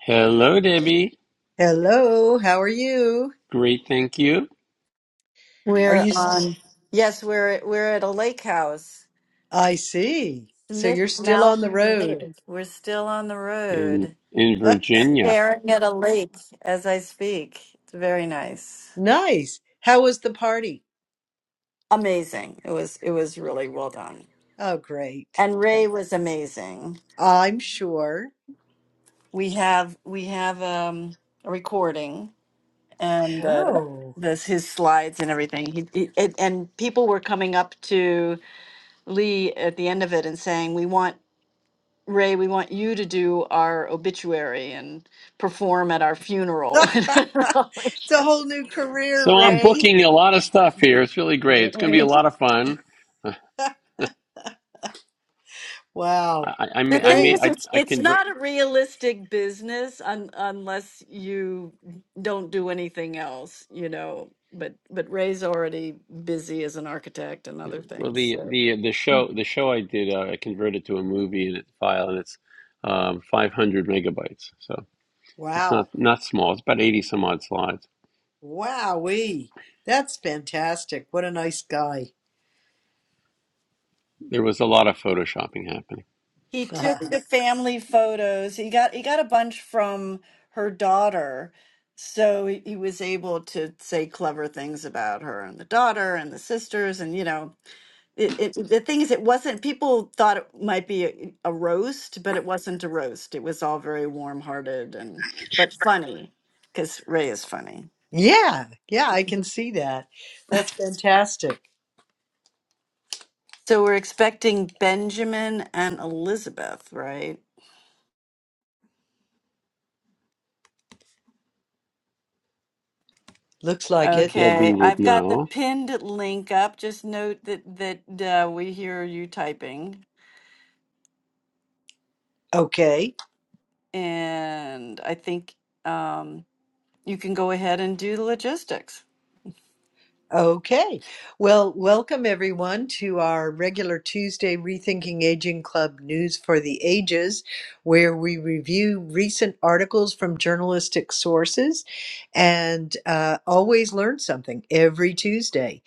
Hello, Debbie. Hello, how are you? Great, thank you. Are We're you? s- on, yes, we're we're at a lake house, I see. So Smith you're still on the Mountain road. Lake. We're still on the In road, in Virginia. staring at a lake as I speak. It's very nice, Nice. How was the party? amazing. It was it was really well done, Oh, great. and Ray was amazing. I'm sure. We have we have um, a recording and uh, Oh, this his slides and everything. He, he it, and people were coming up to Lee at the end of it and saying, "We want." Ray, we want you to do our obituary and perform at our funeral. It's a whole new career, So I'm Ray. booking a lot of stuff here. It's really great. It's going to be a the lot of fun. Uh, Wow. I I I may I, thing may, Great. is, I, it's I it's convert not a realistic business un, unless you don't do anything else, you know. But but Ray's already busy as an architect and other well things. the So. the the show the show I did uh, I converted to a movie in it file and it's um, 500 megabytes. So it's not Wow. not small. It's about 80 some odd slides. Wowee. That's fantastic. What a nice guy. There was a lot of photoshopping happening. He took the family photos. He got he got a bunch from her daughter, so he, he was able to say clever things about her and the daughter and the sisters. And you know, it, it the thing is, it wasn't. People thought it might be a, a roast, but it wasn't a roast. It was all very warm-hearted and but funny because Ray is funny. Yeah. Yeah, I can see that. That's fantastic. So we're expecting Benjamin and Elizabeth, right? Looks like it. Debbie Okay, would I've got the know. pinned link up. Just note that that uh, we hear you typing, Okay. and I think um, you can go ahead and do the logistics. Okay. Well, welcome everyone to our regular Tuesday Rethinking Aging Club News for the Ages, where we review recent articles from journalistic sources and uh, always learn something every Tuesday.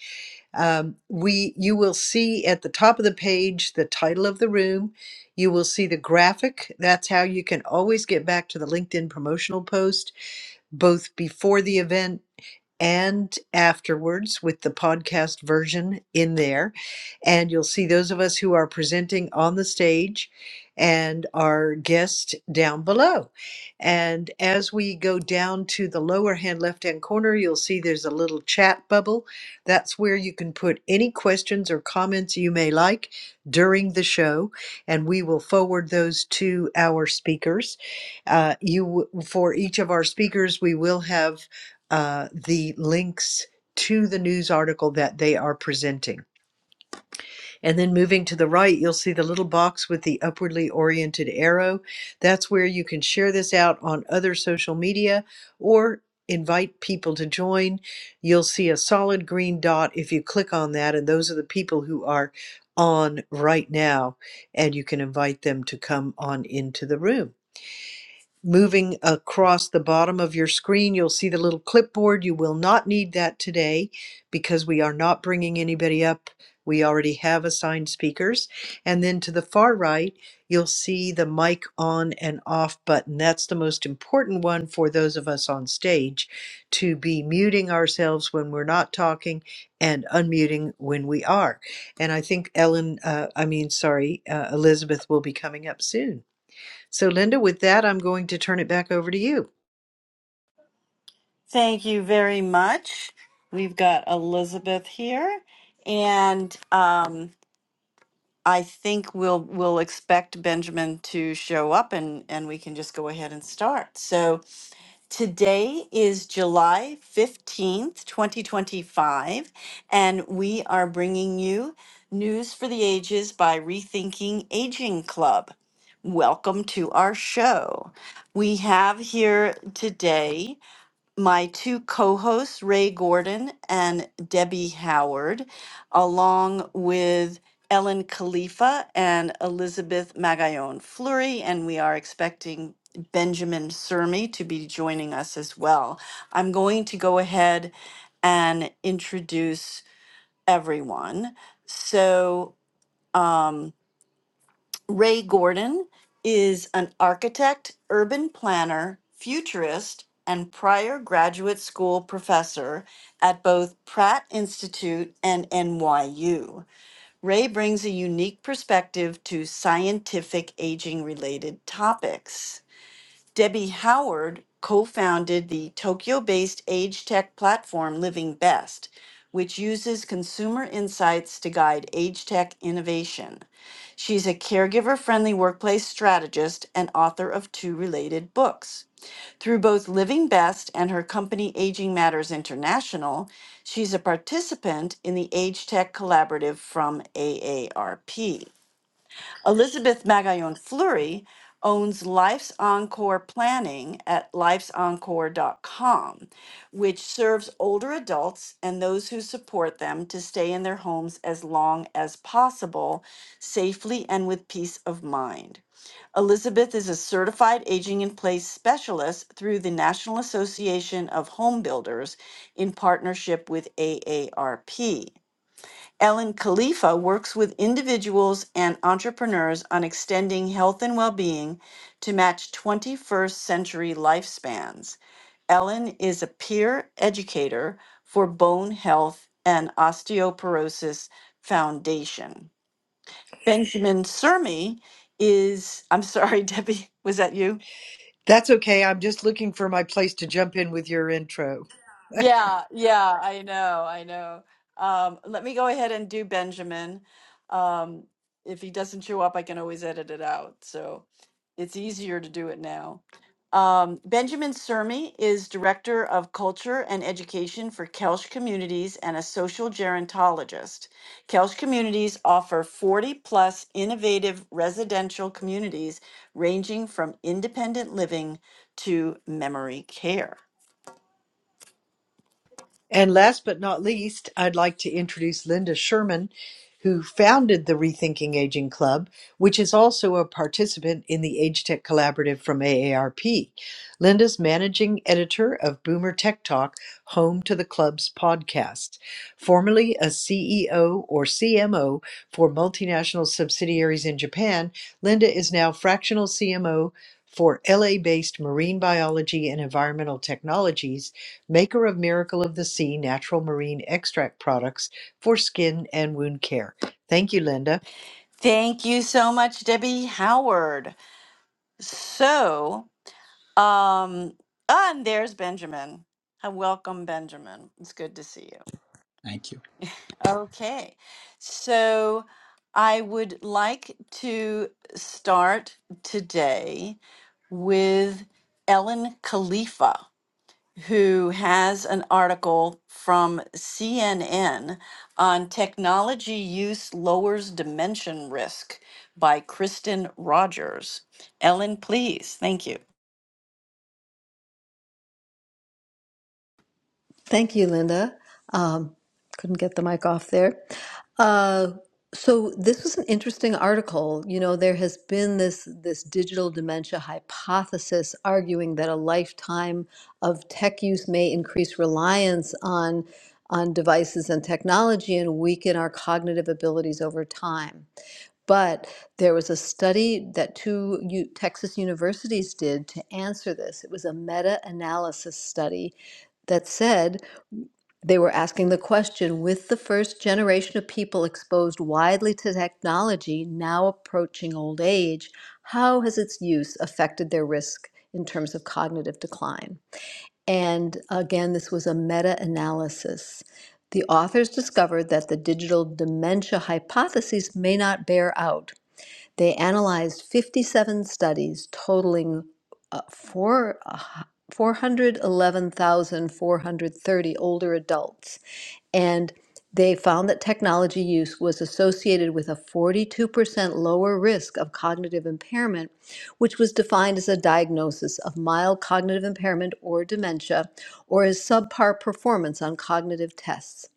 Um, we, you will see at the top of the page the title of the room. You will see the graphic. That's how you can always get back to the LinkedIn promotional post, both before the event and afterwards with the podcast version in there. And you'll see those of us who are presenting on the stage and our guest down below. And as we go down to the lower hand left hand corner, you'll see there's a little chat bubble. That's where you can put any questions or comments you may like during the show, and we will forward those to our speakers. Uh, you for each of our speakers, we will have uh, the links to the news article that they are presenting. And then moving to the right, you'll see the little box with the upwardly oriented arrow. That's where you can share this out on other social media or invite people to join. You'll see a solid green dot if you click on that, and those are the people who are on right now, and you can invite them to come on into the room moving across the bottom of your screen, you'll see the little clipboard. You will not need that today because we are not bringing anybody up. We already have assigned speakers. And then to the far right, you'll see the mic on and off button. That's the most important one for those of us on stage to be muting ourselves when we're not talking and unmuting when we are. And I think Ellen, uh, I mean, sorry, uh, Elizabeth will be coming up soon. So, Linda, with that, I'm going to turn it back over to you. Thank you very much. We've got Elizabeth here, and um, I think we'll we'll expect Benjamin to show up, and and we can just go ahead and start. So. Today is July 15th, 2025, and we are bringing you News for the Ages by Rethinking Aging Club. Welcome to our show. We have here today my two co hosts, Ray Gordon and Debbie Howard, along with Ellen Khalifa and Elizabeth Magallon Fleury. And we are expecting Benjamin Surmi to be joining us as well. I'm going to go ahead and introduce everyone. So, um, Ray Gordon is an architect, urban planner, futurist, and prior graduate school professor at both Pratt Institute and NYU. Ray brings a unique perspective to scientific aging related topics. Debbie Howard co founded the Tokyo based age tech platform Living Best, which uses consumer insights to guide age tech innovation. She's a caregiver friendly workplace strategist and author of two related books. Through both Living Best and her company Aging Matters International, she's a participant in the Age Tech Collaborative from AARP. Elizabeth Magallon Fleury owns Life's Encore Planning at lifesencore.com, which serves older adults and those who support them to stay in their homes as long as possible, safely and with peace of mind. Elizabeth is a certified aging in place specialist through the National Association of Home Builders in partnership with AARP. Ellen Khalifa works with individuals and entrepreneurs on extending health and well being to match 21st century lifespans. Ellen is a peer educator for Bone Health and Osteoporosis Foundation. Benjamin Surmi is, I'm sorry, Debbie, was that you? That's okay. I'm just looking for my place to jump in with your intro. Yeah, yeah, I know, I know. Um, let me go ahead and do Benjamin. Um, if he doesn't show up, I can always edit it out. So it's easier to do it now. Um, Benjamin Sermi is Director of Culture and Education for Kelsh Communities and a social gerontologist. Kelsh Communities offer 40 plus innovative residential communities ranging from independent living to memory care. And last but not least, I'd like to introduce Linda Sherman, who founded the Rethinking Aging Club, which is also a participant in the Age Tech Collaborative from AARP. Linda's managing editor of Boomer Tech Talk, home to the club's podcast. Formerly a CEO or CMO for multinational subsidiaries in Japan, Linda is now fractional CMO for LA based marine biology and environmental technologies maker of Miracle of the Sea natural marine extract products for skin and wound care. Thank you, Linda. Thank you so much, Debbie Howard. So, um, and there's Benjamin. Uh, Welcome, Benjamin. It's good to see you. Thank you. Okay, so I would like to start today with Ellen Khalifa. who has an article from CNN on technology use lowers dementia risk by Kristen Rogers. Ellen, please. Thank you. Thank you, Linda. Um, couldn't get the mic off there. Uh, so this was an interesting article. You know, there has been this this digital dementia hypothesis arguing that a lifetime of tech use may increase reliance on on devices and technology and weaken our cognitive abilities over time. But there was a study that two U- Texas universities did to answer this. It was a meta-analysis study that said they were asking the question with the first generation of people exposed widely to technology now approaching old age, how has its use affected their risk in terms of cognitive decline? And again, this was a meta analysis. The authors discovered that the digital dementia hypotheses may not bear out they analyzed 57 studies totaling uh, four, uh, 411,430 older adults. And they found that technology use was associated with a 42% lower risk of cognitive impairment, which was defined as a diagnosis of mild cognitive impairment or dementia, or as subpar performance on cognitive tests.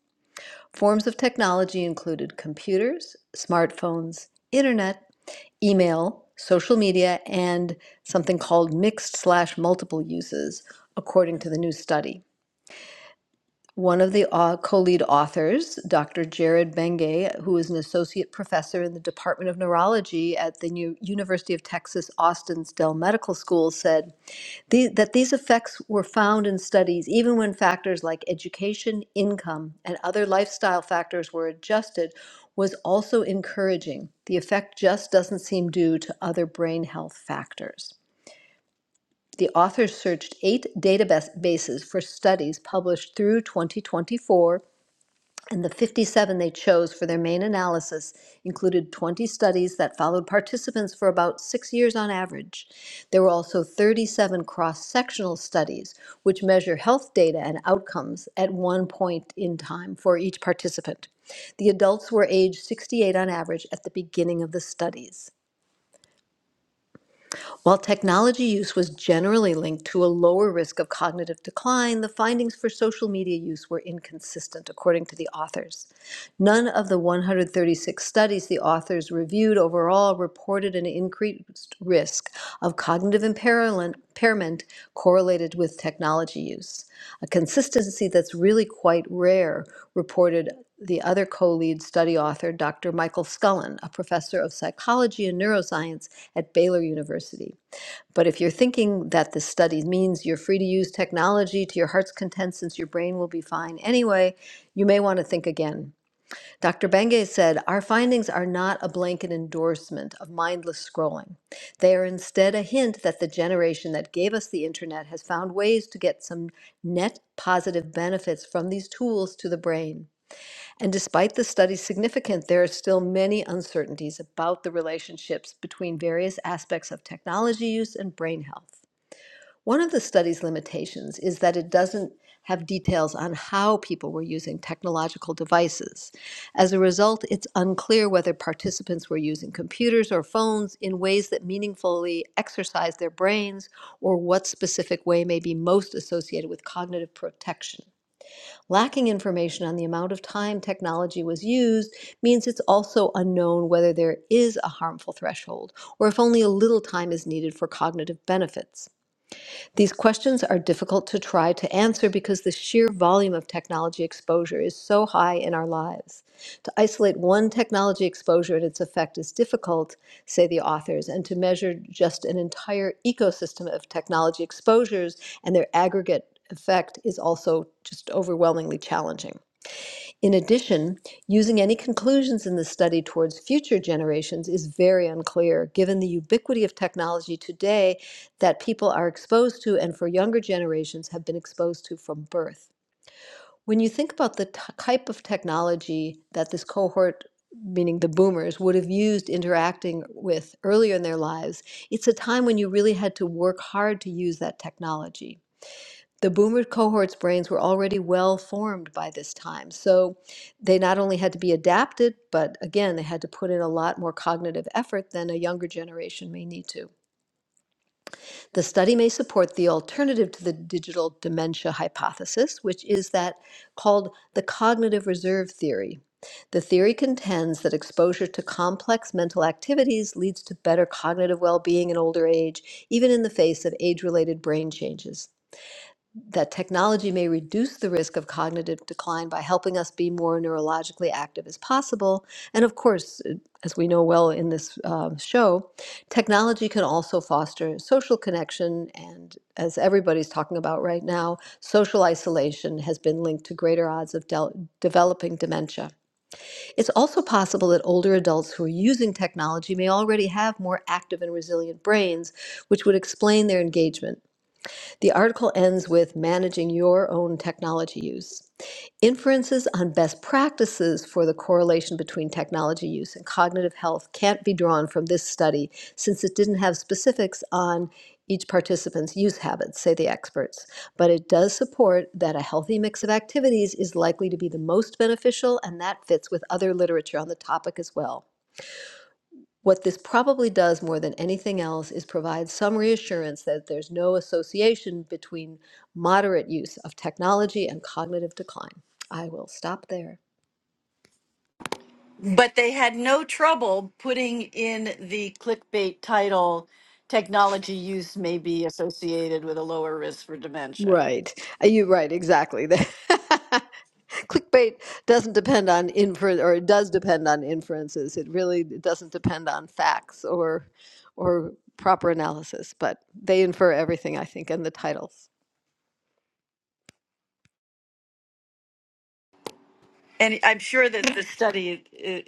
Forms of technology included computers, smartphones, internet, email, social media, and something called mixed slash multiple uses, according to the new study. One of the uh, co lead authors, Dr. Jared Benge, who is an associate professor in the Department of Neurology at the New University of Texas Austin's Dell Medical School, said, the, that these effects were found in studies even when factors like education, income, and other lifestyle factors were adjusted was also encouraging. The effect just doesn't seem due to other brain health factors. The authors searched eight databases for studies published through 2024 and the 57 they chose for their main analysis included 20 studies that followed participants for about six years on average. There were also 37 cross sectional studies, which measure health data and outcomes at one point in time for each participant. The adults were age 68 on average at the beginning of the studies. While technology use was generally linked to a lower risk of cognitive decline, the findings for social media use were inconsistent, according to the authors. None of the 136 studies the authors reviewed overall reported an increased risk of cognitive impairment impairment correlated with technology use a consistency that's really quite rare, reported the other co lead study author, Dr. Michael Scullin, a professor of psychology and neuroscience at Baylor University. But if you're thinking that this study means you're free to use technology to your heart's content since your brain will be fine anyway, you may want to think again. Dr. Benge said, Our findings are not a blanket endorsement of mindless scrolling. They are instead a hint that the generation that gave us the internet has found ways to get some net positive benefits from these tools to the brain. And despite the study's significance, there are still many uncertainties about the relationships between various aspects of technology use and brain health. One of the study's limitations is that it doesn't have details on how people were using technological devices. As a result, it's unclear whether participants were using computers or phones in ways that meaningfully exercise their brains or what specific way may be most associated with cognitive protection. Lacking information on the amount of time technology was used means it's also unknown whether there is a harmful threshold or if only a little time is needed for cognitive benefits. These questions are difficult to try to answer because the sheer volume of technology exposure is so high in our lives. To isolate one technology exposure and its effect is difficult, say the authors, and to measure just an entire ecosystem of technology exposures and their aggregate effect is also just overwhelmingly challenging. In addition, using any conclusions in the study towards future generations is very unclear, given the ubiquity of technology today that people are exposed to and for younger generations have been exposed to from birth. When you think about the t- type of technology that this cohort, meaning the boomers, would have used interacting with earlier in their lives, it's a time when you really had to work hard to use that technology the boomer cohort's brains were already well formed by this time, so they not only had to be adapted, but again, they had to put in a lot more cognitive effort than a younger generation may need to. The study may support the alternative to the digital dementia hypothesis, which is that called the cognitive reserve theory. The theory contends that exposure to complex mental activities leads to better cognitive well being in older age, even in the face of age related brain changes that technology may reduce the risk of cognitive decline by helping us be more neurologically active as possible. And of course, uh, as we know well in this um, show, technology can also foster social connection. And as everybody's talking about right now, social isolation has been linked to greater odds of del- developing dementia. It's also possible that older adults who are using technology may already have more active and resilient brains, which would explain their engagement. The article ends with managing your own technology use. Inferences on best practices for the correlation between technology use and cognitive health can't be drawn from this study since it didn't have specifics on each participant's use habits, say the experts. But it does support that a healthy mix of activities is likely to be the most beneficial, and that fits with other literature on the topic as well. What this probably does more than anything else is provide some reassurance that there's no association between moderate use of technology and cognitive decline. I will stop there. But they had no trouble putting in the clickbait title technology use may be associated with a lower risk for dementia. Right. Uh, You're right, exactly. Clickbait doesn't depend on inference, or it does depend on inferences. It really doesn't depend on facts or or proper analysis, but they infer everything, I think, in the titles. And I'm sure that the study is,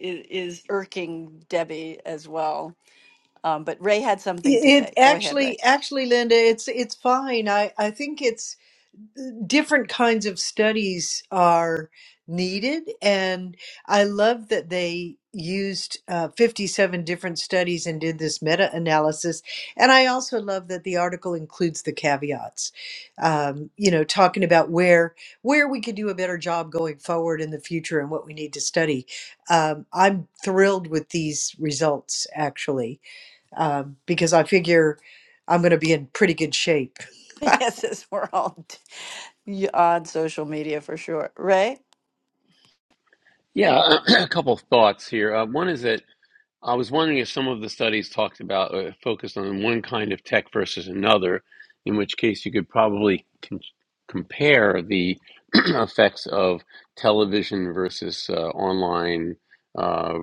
is irking Debbie as well. Um, but Ray had something to It it say. Go ahead, Ray. actually, actually, Linda, it's it's fine. I I think it's different kinds of studies are needed and i love that they used uh, 57 different studies and did this meta-analysis and i also love that the article includes the caveats um, you know talking about where where we could do a better job going forward in the future and what we need to study um, i'm thrilled with these results actually um, because i figure i'm going to be in pretty good shape Yes, yes, we're all d- on social media for sure. Ray? Yeah, a couple of thoughts here. Uh, one is that I was wondering if some of the studies talked about uh, focused on one kind of tech versus another, in which case you could probably con- compare the effects of television versus uh, online. uh,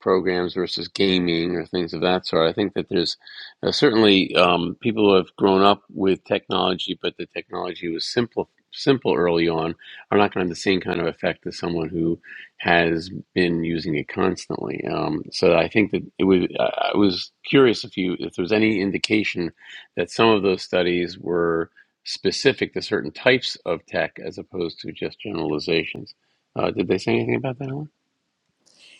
programs versus gaming or things of that sort. I think that there's uh, certainly um, people who have grown up with technology, but the technology was simple simple early on are not going to have the same kind of effect as someone who has been using it constantly um, so i think that it would i I was curious if you if there was any indication that some of those studies were specific to certain types of tech as opposed to just generalizations uh, did they say anything about that Ellen?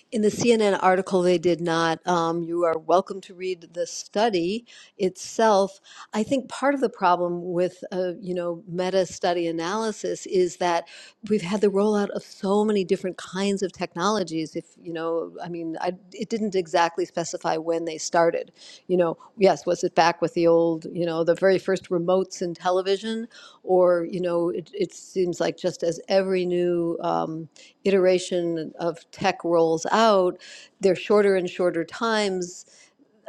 In the CNN article, they did not. Um, you are welcome to read the study itself. I think part of the problem with, uh, you know, meta study analysis is that we've had the rollout of so many different kinds of technologies. If you know, I mean, I, it didn't exactly specify when they started. You know, yes, was it back with the old, you know, the very first remotes in television, or you know, it, it seems like just as every new. Um, iteration of tech rolls out, they're shorter and shorter times.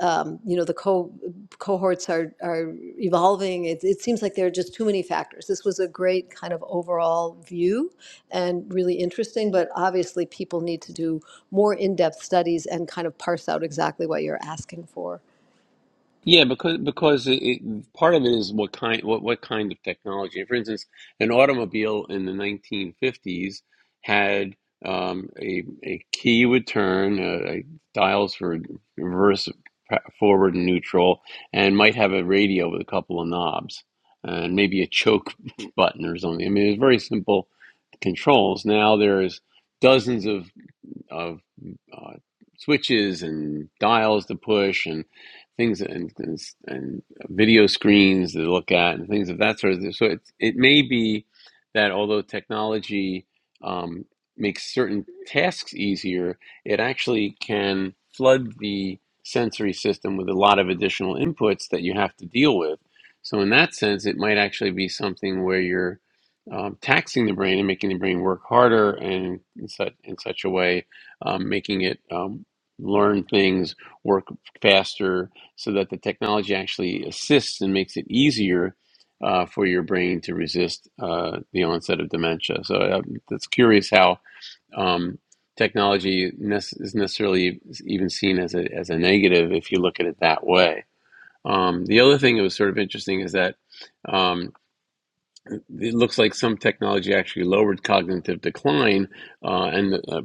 Um, you know, the co- cohorts are, are evolving. It, it seems like there are just too many factors. This was a great kind of overall view and really interesting, but obviously people need to do more in-depth studies and kind of parse out exactly what you're asking for. Yeah, because because it, it, part of it is what kind what what kind of technology. For instance, an automobile in the 1950s had um, a a key would turn, uh, a dials for reverse, pa- forward, and neutral, and might have a radio with a couple of knobs and maybe a choke button or something. I mean, it was very simple controls. Now there's dozens of of uh, switches and dials to push and things and, and, and video screens to look at and things of that sort of thing. So it, it may be that although technology um, makes certain tasks easier, it actually can flood the sensory system with a lot of additional inputs that you have to deal with. So in that sense, it might actually be something where you're um, taxing the brain and making the brain work harder and in such in such a way um, making it um, learn things, work faster, so that the technology actually assists and makes it easier uh, for your brain to resist uh, the onset of dementia. So uh, it's curious how um, technology nece- is necessarily even seen as a, as a negative if you look at it that way. Um, the other thing that was sort of interesting is that um, it looks like some technology actually lowered cognitive decline, uh, and uh,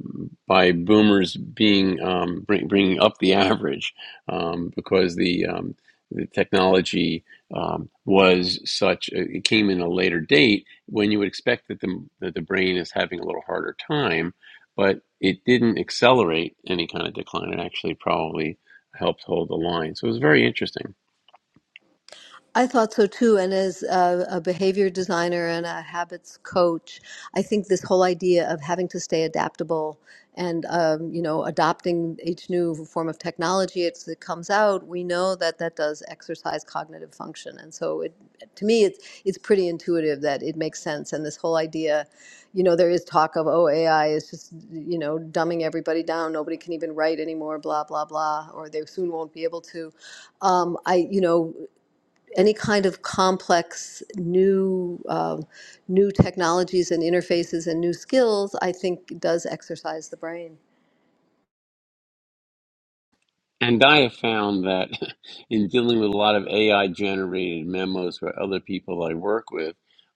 by boomers being um, bring, bringing up the average um, because the um, the technology um, was such uh, it came in a later date when you would expect that the that the brain is having a little harder time, but it didn't accelerate any kind of decline. It actually probably helped hold the line. So it was very interesting. I thought so too. And as a, a behavior designer and a habits coach, I think this whole idea of having to stay adaptable and um, you know adopting each new form of technology it's, that comes out, we know that that does exercise cognitive function. And so, it, to me, it's it's pretty intuitive that it makes sense. And this whole idea, you know, there is talk of oh AI is just you know dumbing everybody down. Nobody can even write anymore. Blah blah blah. Or they soon won't be able to um, I, you know, any kind of complex new um, new technologies and interfaces and new skills, I think does exercise the brain. And I have found that in dealing with a lot of AI generated memos for other people I work with,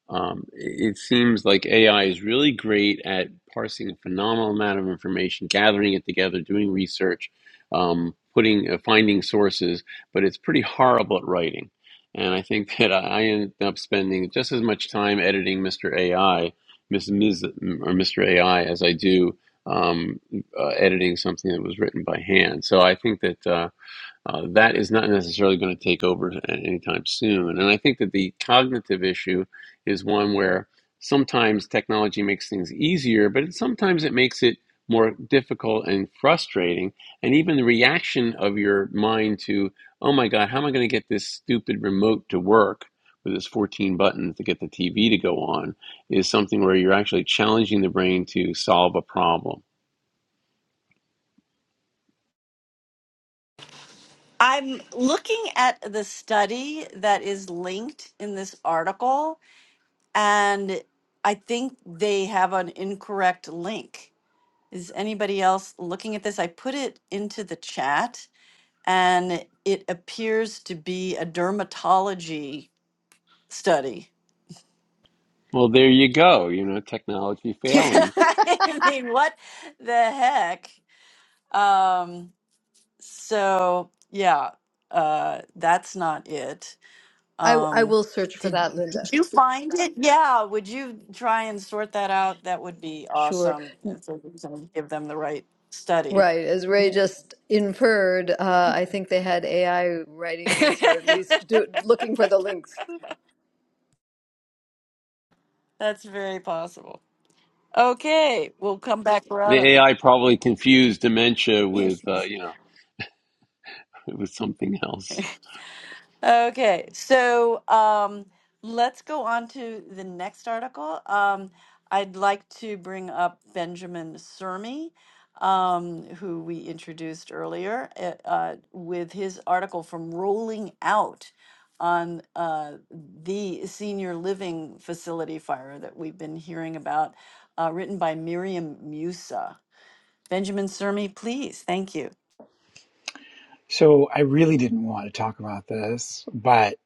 um, it seems like AI is really great at parsing a phenomenal amount of information, gathering it together, doing research, um, putting uh, finding sources, but it's pretty horrible at writing. And I think that I end up spending just as much time editing Mr. AI, Miss Ms. or Mr. AI as I do. um, uh, editing something that was written by hand. So I think that uh, uh, that is not necessarily going to take over anytime soon. And I think that the cognitive issue is one where sometimes technology makes things easier, but it, sometimes it makes it more difficult and frustrating. And even the reaction of your mind to, oh my God, how am I going to get this stupid remote to work? With its 14 buttons to get the TV to go on, is something where you're actually challenging the brain to solve a problem. I'm looking at the study that is linked in this article, and I think they have an incorrect link. Is anybody else looking at this? I put it into the chat, and it appears to be a dermatology study. Well, there you go. You know, technology failing. I mean, what the heck? Um, So yeah, uh, that's not it. I, I Um, will search for did that, did Linda. you find it? Yeah. Would you try and sort that out? That would be Sure. awesome. So we can give them the right study. Right. As Ray just inferred, uh, I think they had AI writing this, or at least do, looking for the links. that's very possible. Okay, we'll come back The around. AI probably confused dementia with, on- uh, you know, with something else. Okay, so um, let's go on to the next article. Um, I'd like to bring up Benjamin Sermi, um, who we introduced earlier, uh, uh, with his article from Rolling Out on uh, the senior living facility fire that we've been hearing about, uh, written by Miriam Musa. Benjamin Sermi, please. Thank you. So I really didn't want to talk about this, but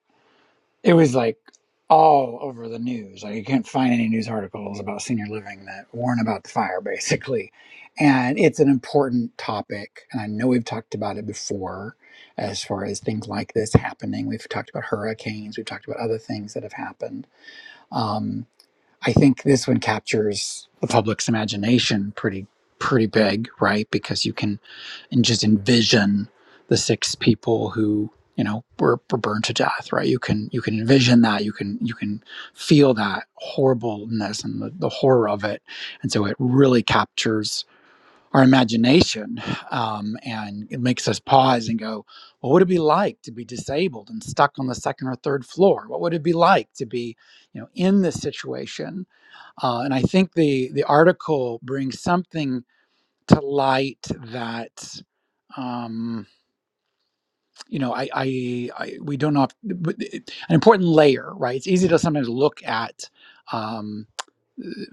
it was like all over the news. Like you couldn't find any news articles about senior living that weren't about the fire, basically. And it's an important topic. And I know we've talked about it before as far as things like this happening. We've talked about hurricanes, we've talked about other things that have happened. Um, I think this one captures the public's imagination pretty pretty big, right? Because you can and just envision the six people who you know were, were burned to death, right? You can you can envision that, you can you can feel that horribleness and the, the horror of it, and so it really captures our imagination um, and it makes us pause and go well, what would it be like to be disabled and stuck on the second or third floor what would it be like to be you know in this situation uh, and I think the the article brings something to light that. Um, you know, I, I, I we don't know an important layer, right? It's easy to sometimes look at um,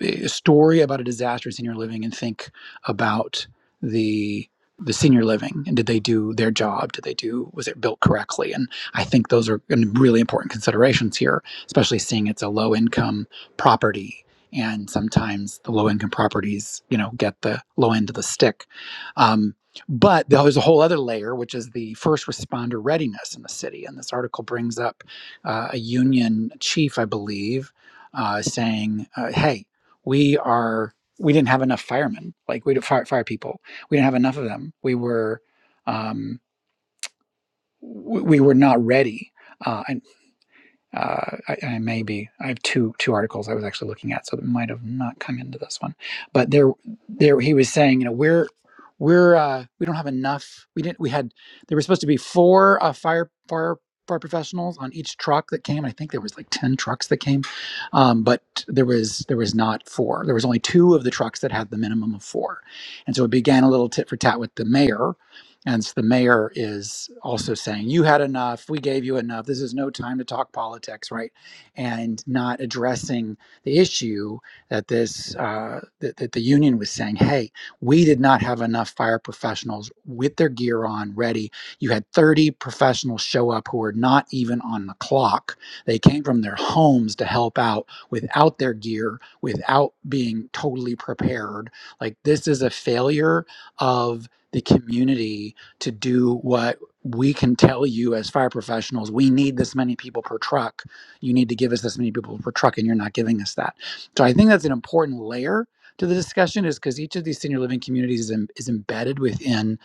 a story about a disaster in senior living and think about the the senior living and did they do their job? Did they do was it built correctly? And I think those are gonna be really important considerations here, especially seeing it's a low income property. And sometimes the low income properties, you know, get the low end of the stick. Um, but there's a whole other layer, which is the first responder readiness in the city. And this article brings up uh, a union chief, I believe, uh, saying, uh, "Hey, we are we didn't have enough firemen, like we did fire, fire people. We didn't have enough of them. We were um, w- we were not ready." Uh, and uh, I, I may be. I have two two articles I was actually looking at, so that might have not come into this one. But there, there he was saying, you know, we're we're uh, we don't have enough. We didn't. We had there were supposed to be four uh, fire fire fire professionals on each truck that came. I think there was like ten trucks that came, um, but there was there was not four. There was only two of the trucks that had the minimum of four, and so it began a little tit for tat with the mayor and so the mayor is also saying, You had enough. We gave you enough. This is no time to talk politics, right? And not addressing the issue that this, uh, that, that the union was saying, Hey, we did not have enough fire professionals with their gear on, ready. You had 30 professionals show up who were not even on the clock. They came from their homes to help out without their gear, without being totally prepared. Like, this is a failure of the community to do what we can tell you as fire professionals we need this many people per truck you need to give us this many people per truck and you're not giving us that so i think that's an important layer to the discussion is because each of these senior living communities is, em- is embedded within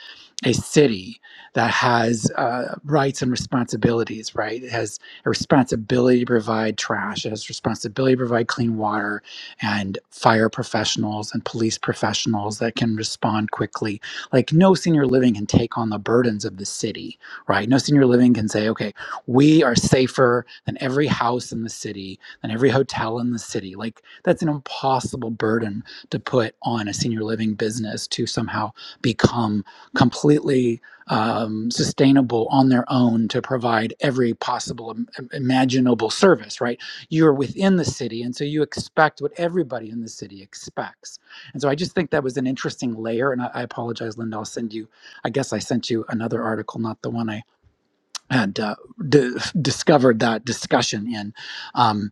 a city that has uh, rights and responsibilities right it has a responsibility to provide trash it has responsibility to provide clean water and fire professionals and police professionals that can respond quickly like no senior living can take on the burdens of the city, right? No senior living can say, okay, we are safer than every house in the city, than every hotel in the city. Like that's an impossible burden to put on a senior living business to somehow become completely um, sustainable on their own to provide every possible im- im- imaginable service, right? You're within the city, and so you expect what everybody in the city expects and so I just think that was an interesting layer. And I, I apologize, Linda. I'll send you, I guess I sent you another article, not the one I had uh, d- discovered that discussion in. Um,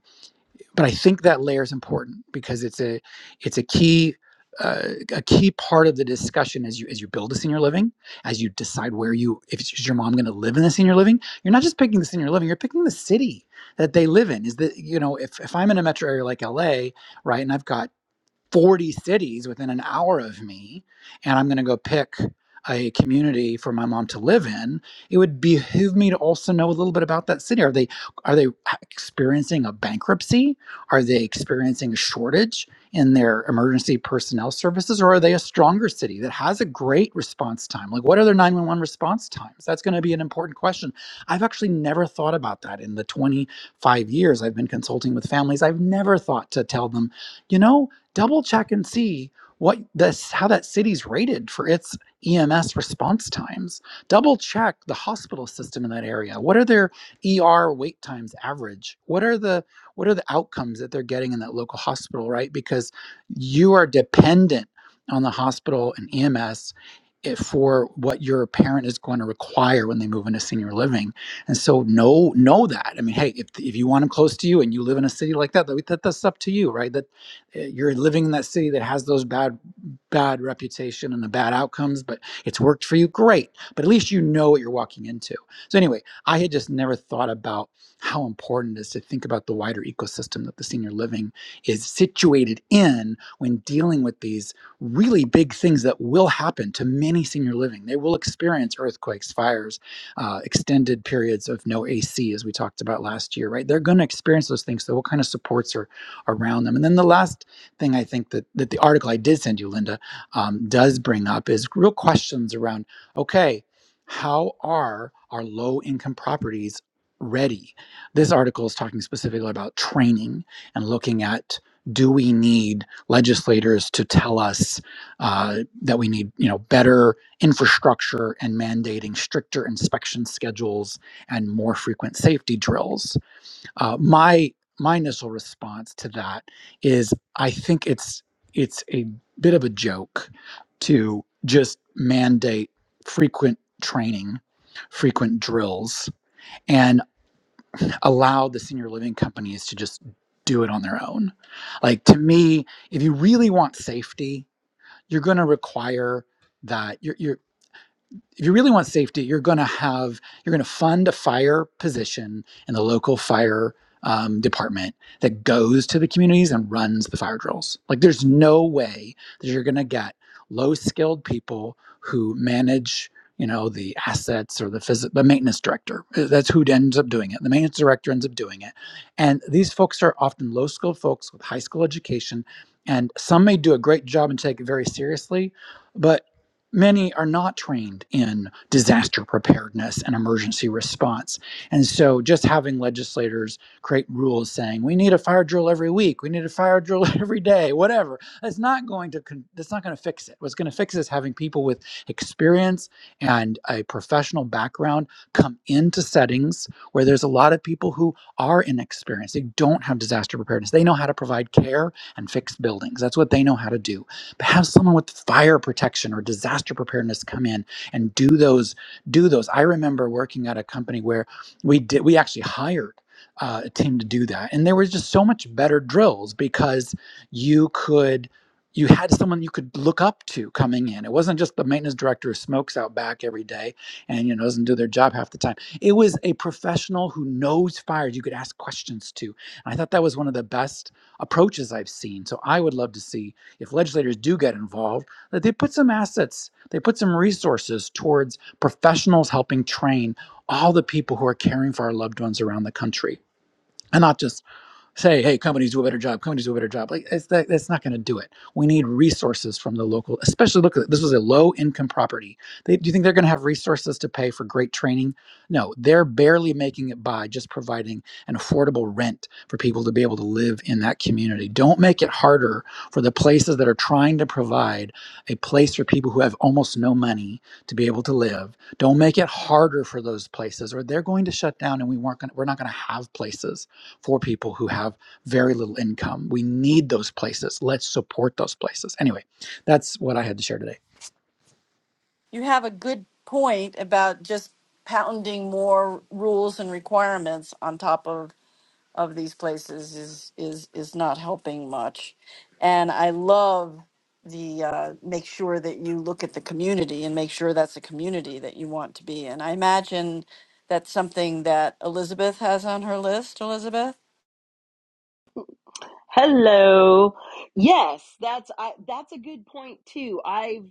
but I think that layer is important because it's a, it's a key. Uh, a key part of the discussion as you as you build a senior living, as you decide where you if it's- is your mom going to live in the senior living, you're not just picking the senior living, you're picking the city that they live in. Is that you know if if I'm in a metro area like LA, right, and I've got 40 cities within an hour of me and I'm going to go pick a community for my mom to live in, it would behoove me to also know a little bit about that city. Are they are they experiencing a bankruptcy? Are they experiencing a shortage in their emergency personnel services or are they a stronger city that has a great response time? Like what are their 911 response times? That's going to be an important question. I've actually never thought about that in the 25 years I've been consulting with families. I've never thought to tell them, you know, double check and see what this how that city's rated for its EMS response times. Double check the hospital system in that area. What are their ER wait times average? What are the what are the outcomes that they're getting in that local hospital, right? Because you are dependent on the hospital and EMS it- for what your parent is going to require when they move into senior living. And so know know that. I mean, hey, if, if you want them close to you and you live in a city like that, that, that's up to you, right? That uh, you're living in that city that has those bad bad reputation and the bad outcomes but it's worked for you great but at least you know what you're walking into so anyway i had just never thought about how important it is to think about the wider ecosystem that the senior living is situated in when dealing with these really big things that will happen to many senior living they will experience earthquakes fires uh, extended periods of no ac as we talked about last year right they're going to experience those things so what kind of supports are around them and then the last thing I think that, that the article I did send you, Linda, um, does bring up is real questions around okay, how are our low income properties ready? This article is talking specifically about training and looking at do we need legislators to tell us uh, that we need you know better infrastructure and mandating stricter inspection schedules and more frequent safety drills uh, my my initial response to that is I think it's it's a bit of a joke to just mandate frequent training, frequent drills, and allow the senior living companies to just do it on their own. Like to me, if you really want safety, you're going to require that. you're. you're if you really want safety, you're going to have you're going to fund a fire position in the local fire um, department that goes to the communities and runs the fire drills. Like, there's no way that you're going to get low skilled people who manage you know the assets or the phys- the maintenance director Uh, that's who ends up doing it the maintenance director ends up doing it and these folks are often low skilled folks with high school education and some may do a great job and take it very seriously but many are not trained in disaster preparedness and emergency response. And so just having legislators create rules saying we need a fire drill every week, we need a fire drill every day, whatever, that's not going to con- that's not going to fix it. What's going to fix it is having people with experience and a professional background come into settings where there's a lot of people who are inexperienced. They don't have disaster preparedness. They know how to provide care and fix buildings. That's what they know how to do but have someone with fire protection or disaster preparedness come in and do those do those i remember working at a company where we did we actually hired uh, a team to do that and there was just so much better drills because you could you had someone you could look up to coming in it wasn't just the maintenance director who smokes out back every day and you know doesn't do their job half the time it was a professional who knows fires you could ask questions to and i thought that was one of the best approaches i've seen so i would love to see if legislators do get involved, that they put some assets, they put some resources towards professionals helping train all the people who are caring for our loved ones around the country. And not just say, hey, companies do a better job, companies do a better job. Like it's that, that's not going to do it. We need resources from the local, especially look at this was a low income property. They, do you think they're going to have resources to pay for great training? No, they're barely making it by just providing an affordable rent for people to be able to live in that community. Don't make it harder for the places that are trying to provide a place for people who have almost no money to be able to live. Don't make it harder for those places or they're going to shut down and we weren't gonna, we're not going to have places for people who have very little income. We need those places. Let's support those places. Anyway, that's what I had to share today. You have a good point about just pounding more rules and requirements on top of of these places is is is not helping much. And I love the uh, make sure that you look at the community and make sure that's a community that you want to be in. I imagine that's something that Elizabeth has on her list. Elizabeth. Hello. Yes, that's I, that's a good point too. I've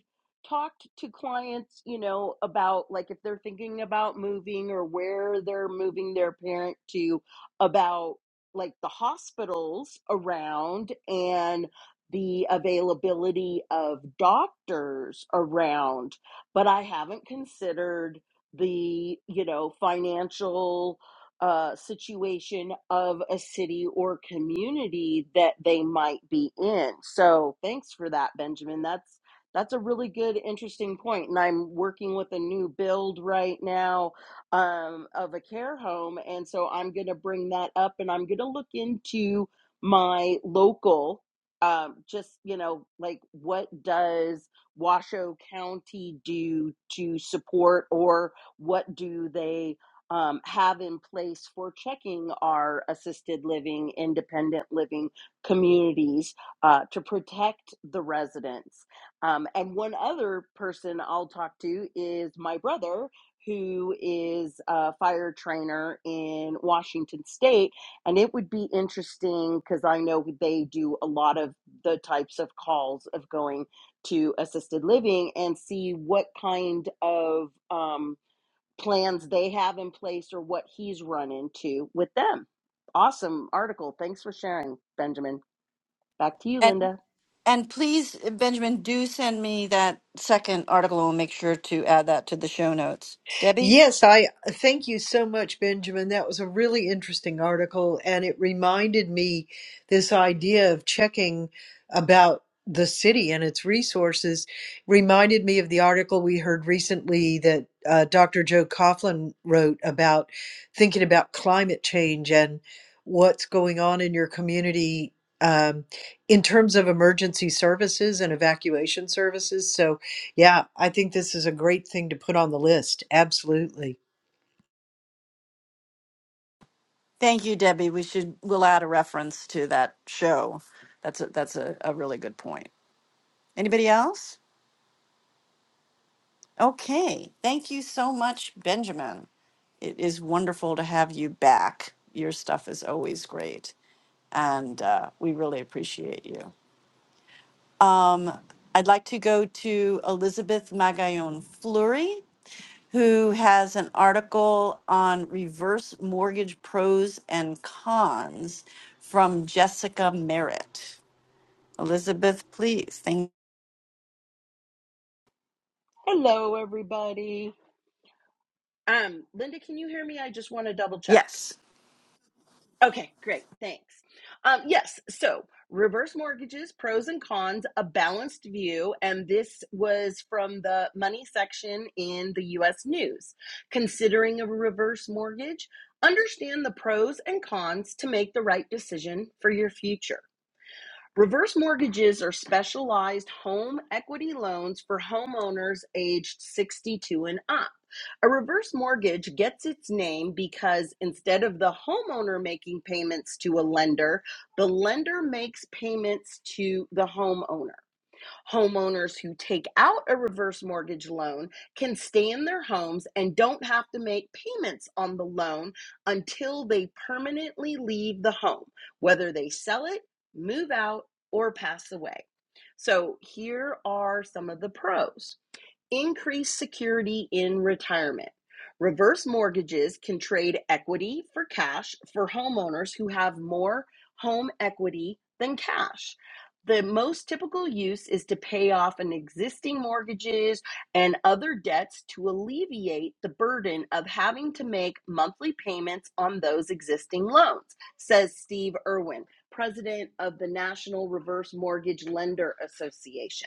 talked to clients, you know, about like if they're thinking about moving or where they're moving their parent to about like the hospitals around and the availability of doctors around, but I haven't considered the, you know, financial uh, situation of a city or community that they might be in. So thanks for that, Benjamin. That's that's a really good, interesting point. And I'm working with a new build right now um, of a care home, and so I'm going to bring that up, and I'm going to look into my local. Um, just you know, like what does Washoe County do to support, or what do they um, have in place for checking our assisted living, independent living communities uh, to protect the residents. Um, and one other person I'll talk to is my brother, who is a fire trainer in Washington State. And it would be interesting because I know they do a lot of the types of calls of going to assisted living and see what kind of. Um, plans they have in place or what he's run into with them. Awesome article. Thanks for sharing, Benjamin. Back to you, And Linda. and please, Benjamin, do send me that second article. and We'll make sure to add that to the show notes. Debbie. Yes, I thank you so much, Benjamin. That was a really interesting article, and it reminded me this idea of checking about the city and its resources reminded me of the article we heard recently that uh, Dr. Joe Coughlin wrote about thinking about climate change and what's going on in your community um, in terms of emergency services and evacuation services. So yeah, I think this is a great thing to put on the list. Absolutely. Thank you, Debbie. We should, we'll add a reference to that show. That's a, that's a, a really good point. Anybody else? Okay. Thank you so much, Benjamin. It is wonderful to have you back. Your stuff is always great, and uh, we really appreciate you. Um, I'd like to go to Elizabeth Magallon Fleury, who has an article on reverse mortgage pros and cons from Jessica Merritt. Elizabeth, please. Thank Hello, everybody. Um, Linda, can you hear me? I just want to double check. Yes. Okay, great. Thanks. Um, yes, so reverse mortgages, pros and cons, a balanced view. And this was from the money section in the US News. Considering a reverse mortgage, understand the pros and cons to make the right decision for your future. Reverse mortgages are specialized home equity loans for homeowners aged 62 and up. A reverse mortgage gets its name because instead of the homeowner making payments to a lender, the lender makes payments to the homeowner. Homeowners who take out a reverse mortgage loan can stay in their homes and don't have to make payments on the loan until they permanently leave the home, whether they sell it, move out, or pass away. So here are some of the pros increase security in retirement. Reverse mortgages can trade equity for cash for homeowners who have more home equity than cash. The most typical use is to pay off an existing mortgages and other debts to alleviate the burden of having to make monthly payments on those existing loans, says Steve Irwin, president of the National Reverse Mortgage Lender Association.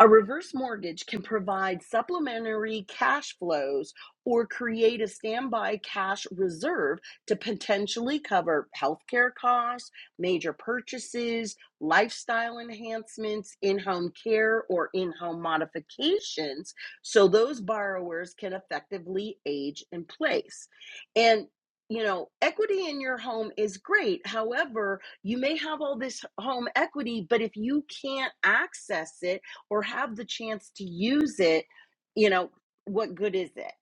A reverse mortgage can provide supplementary cash flows or create a standby cash reserve to potentially cover healthcare costs, major purchases, lifestyle enhancements, in home care, or in home modifications, so those borrowers can effectively age in place. And you know, equity in your home is great. However, you may have all this home equity, but if you can't access it, or have the chance to use it, you know, what good is it?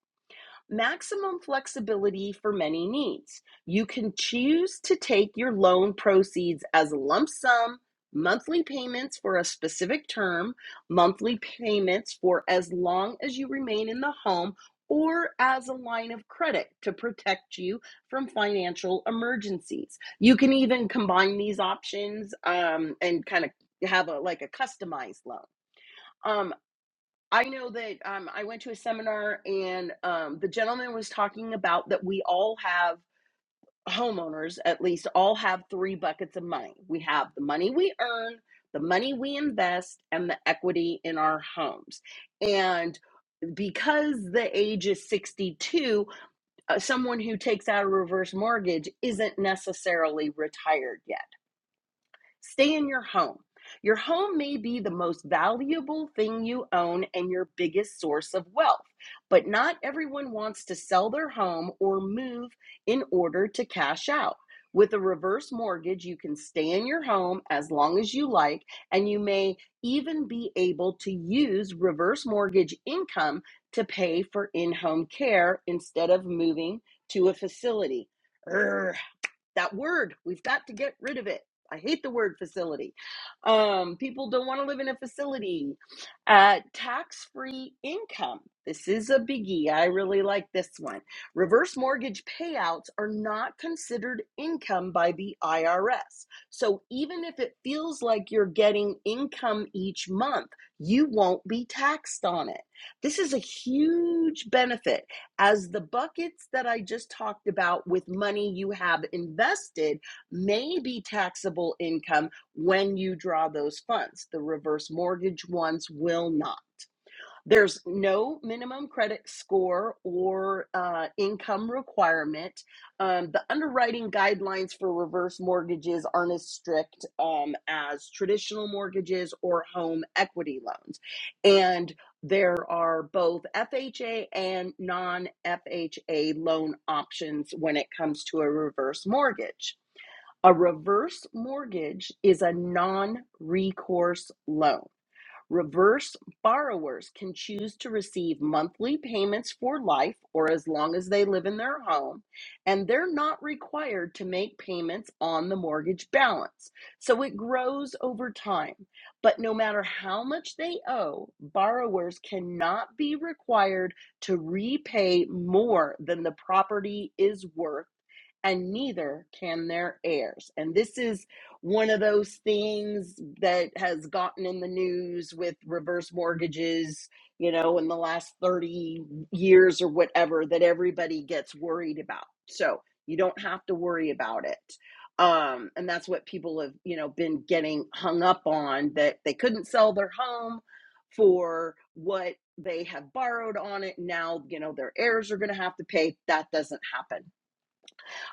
Maximum flexibility for many needs. You can choose to take your loan proceeds as a lump sum, monthly payments for a specific term, monthly payments for as long as you remain in the home, or as a line of credit to protect you from financial emergencies. You can even combine these options um, and kind of have a like a customized loan. Um, I know that um, I went to a seminar and um, the gentleman was talking about that we all have homeowners, at least all have three buckets of money. We have the money we earn, the money we invest, and the equity in our homes. And because the age is 62, uh, someone who takes out a reverse mortgage isn't necessarily retired yet Stay in your home. Your home may be the most valuable thing you own and your biggest source of wealth, but not everyone wants to sell their home or move in order to cash out. With a reverse mortgage, you can stay in your home as long as you like, and you may even be able to use reverse mortgage income to pay for in home care instead of moving to a facility. Urgh, that word we've got to get rid of it i hate the word facility um, people don't want to live in a facility uh, tax-free income this is a biggie i really like this one reverse mortgage payouts are not considered income by the irs so even if it feels like you're getting income each month you won't be taxed on it this is a huge benefit as the buckets that I just talked about with money you have invested may be taxable income when you draw those funds. The reverse mortgage ones will not. There's no minimum credit score or uh, income requirement. Um, the underwriting guidelines for reverse mortgages aren't as strict um, as traditional mortgages or home equity loans. And there are both FHA and non FHA loan options when it comes to a reverse mortgage. A reverse mortgage is a non recourse loan. Reverse borrowers can choose to receive monthly payments for life or as long as they live in their home, and they're not required to make payments on the mortgage balance. So it grows over time. But no matter how much they owe, borrowers cannot be required to repay more than the property is worth and neither can their heirs. And this is one of those things that has gotten in the news with reverse mortgages, you know, in the last 30 years or whatever that everybody gets worried about. So you don't have to worry about it. Um, and that's what people have, you know, been getting hung up on that they couldn't sell their home for what they have borrowed on it. Now, you know, their heirs are going to have to pay. That doesn't happen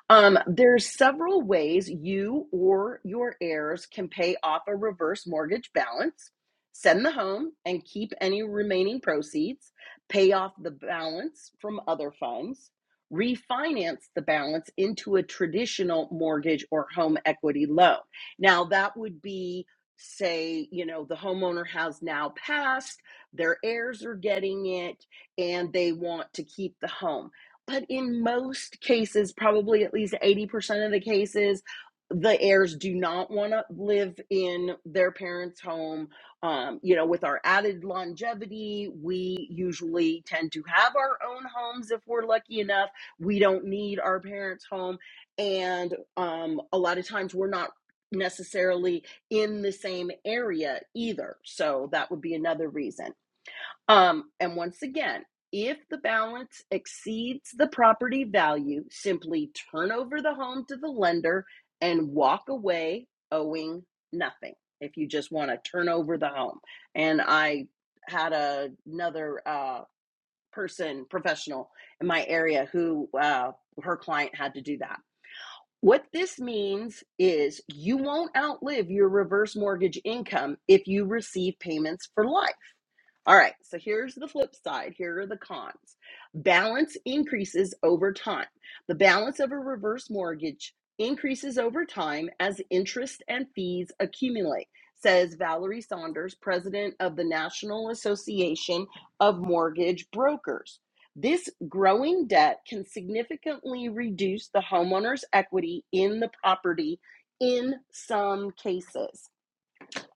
um, there's several ways you or your heirs can pay off a reverse mortgage balance. Send the home and keep any remaining proceeds, pay off the balance from other funds, refinance the balance into a traditional mortgage or home equity loan. Now, that would be, say, you know, the homeowner has now passed, their heirs are getting it, and they want to keep the home but in most cases, probably at least 80% of the cases, the heirs do not want to live in their parents' home. Um, you know, with our added longevity, we usually tend to have our own homes if we're lucky enough. We don't need our parents' home. And um, a lot of times we're not necessarily in the same area either. So that would be another reason. Um, and once again, if the balance exceeds the property value, simply turn over the home to the lender and walk away owing nothing if you just want to turn over the home. And I had a, another uh, person, professional in my area, who uh, her client had to do that. What this means is you won't outlive your reverse mortgage income if you receive payments for life. All right, so here's the flip side. Here are the cons. Balance increases over time. The balance of a reverse mortgage increases over time as interest and fees accumulate, says Valerie Saunders, president of the National Association of Mortgage Brokers. This growing debt can significantly reduce the homeowner's equity in the property in some cases.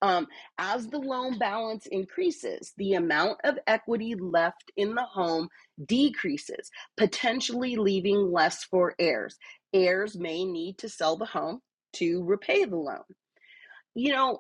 Um, as the loan balance increases, the amount of equity left in the home decreases, potentially leaving less for heirs. Heirs may need to sell the home to repay the loan you know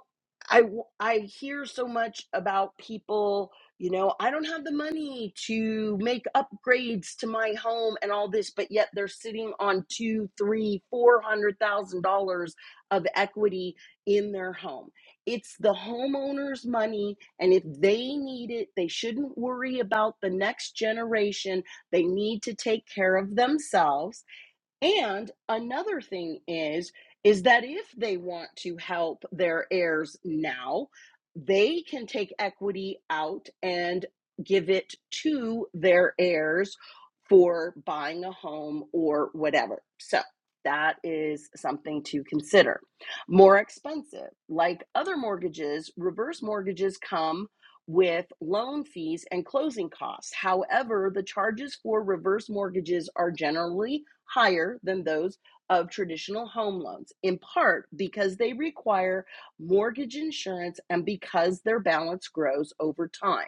i w- i hear so much about people you know i don't have the money to make upgrades to my home and all this but yet they're sitting on two three four hundred thousand dollars of equity in their home it's the homeowner's money and if they need it they shouldn't worry about the next generation they need to take care of themselves and another thing is is that if they want to help their heirs now, they can take equity out and give it to their heirs for buying a home or whatever. So that is something to consider. More expensive. Like other mortgages, reverse mortgages come with loan fees and closing costs. However, the charges for reverse mortgages are generally higher than those of traditional home loans, in part because they require mortgage insurance and because their balance grows over time.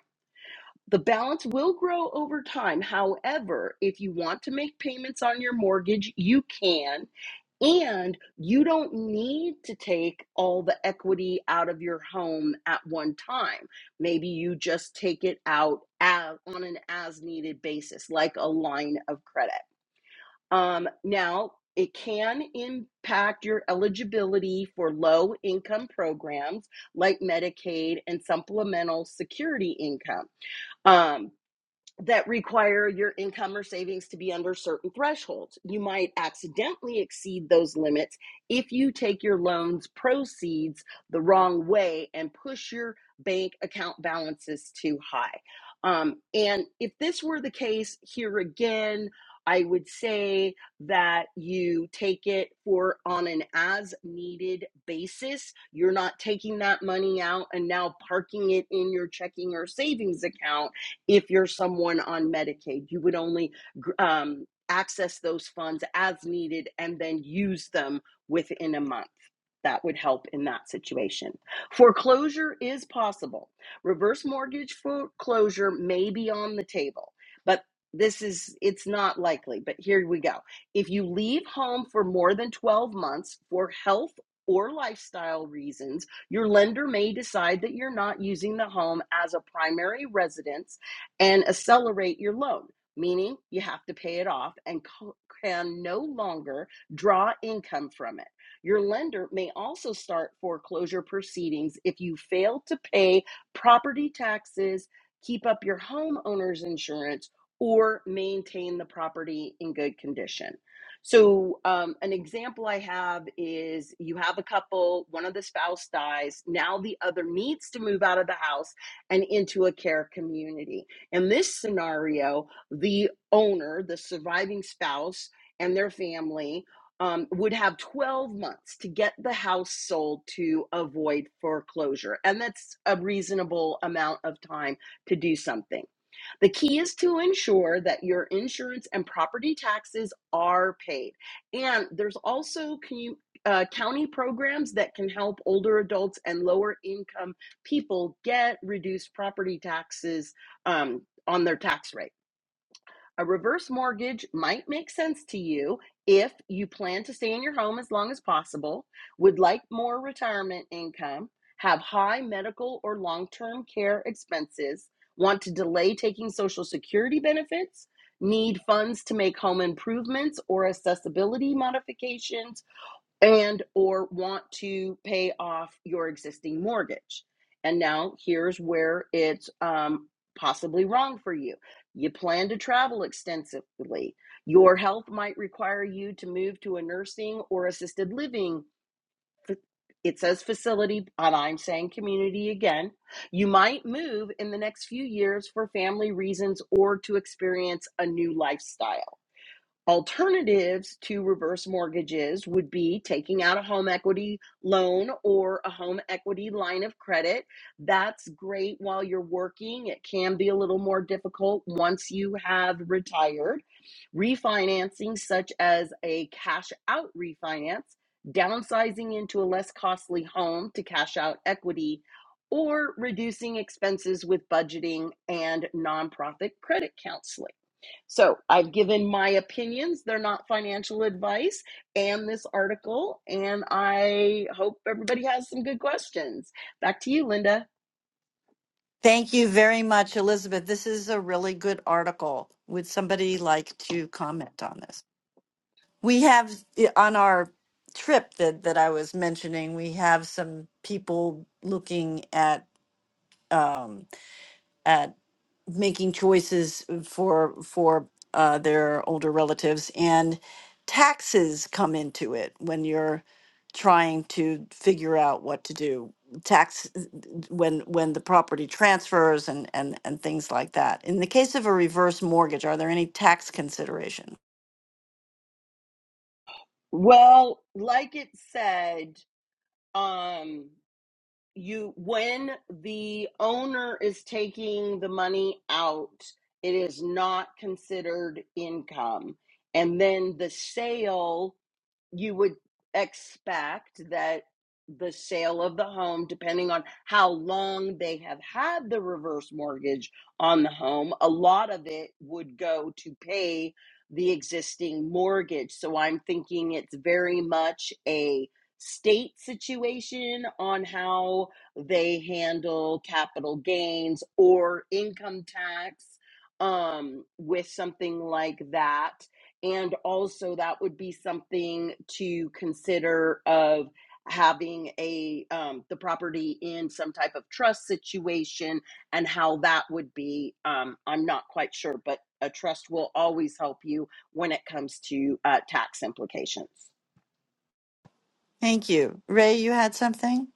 The balance will grow over time. However, if you want to make payments on your mortgage, you can, and you don't need to take all the equity out of your home at one time. Maybe you just take it out as, on an as needed basis, like a line of credit. Um, now, it can impact your eligibility for low income programs like Medicaid and supplemental security income. Um, that require your income or savings to be under certain thresholds. You might accidentally exceed those limits if you take your loan's proceeds the wrong way and push your bank account balances too high. Um, and if this were the case here again, I would say that you take it for on an as needed basis. You're not taking that money out and now parking it in your checking or savings account if you're someone on Medicaid, you would only um, access those funds as needed and then use them within a month. That would help in that situation. Foreclosure is possible. Reverse mortgage foreclosure may be on the table, but this is it's not likely but here we go if you leave home for more than 12 months for health or lifestyle reasons your lender may decide that you're not using the home as a primary residence and accelerate your loan, meaning you have to pay it off and co- can no longer draw income from it. Your lender may also start foreclosure proceedings if you fail to pay property taxes, keep up your homeowner's insurance, or maintain the property in good condition. So, um, an example I have is you have a couple, one of the spouse dies, now the other needs to move out of the house and into a care community in this scenario, the owner, the surviving spouse, and their family um, would have 12 months to get the house sold to avoid foreclosure. And that's a reasonable amount of time to do something. The key is to ensure that your insurance and property taxes are paid. And there's also uh, county programs that can help older adults and lower income people get reduced property taxes um, on their tax rate. A reverse mortgage might make sense to you if you plan to stay in your home as long as possible, would like more retirement income, have high medical or long term care expenses, want to delay taking Social Security benefits, need funds to make home improvements or accessibility modifications and or want to pay off your existing mortgage. And now here's where it's um, possibly wrong for you. You plan to travel extensively. Your health might require you to move to a nursing or assisted living. It says facility, and I'm saying community again. You might move in the next few years for family reasons or to experience a new lifestyle Alternatives to reverse mortgages would be taking out a home equity loan or a home equity line of credit. That's great while you're working. It can be a little more difficult once you have retired. Refinancing, such as a cash out refinance, downsizing into a less costly home to cash out equity, or reducing expenses with budgeting and nonprofit credit counseling. So I've given my opinions. They're not financial advice and this article. And I hope everybody has some good questions. Back to you, Linda. thank you very much, Elizabeth. This is a really good article. Would somebody like to comment on this? We have eh, on our trip that that I was mentioning, we have some people looking at um, making choices for for uh, their older relatives and taxes come into it when you're trying to figure out what to do tax when when the property transfers and and and things like that in the case of a reverse mortgage are there any tax consideration Well, like it said, um, you when the owner is taking the money out, it is not considered income. And then the sale you would expect that the sale of the home, depending on how long they have had the reverse mortgage on the home, a lot of it would go to pay the existing mortgage. So I'm thinking it's very much a state situation on how they handle capital gains or income tax um, with something like that and also that would be something to consider of having a um, the property in some type of trust situation and how that would be um, i'm not quite sure but a trust will always help you when it comes to uh, tax implications thank you ray you had something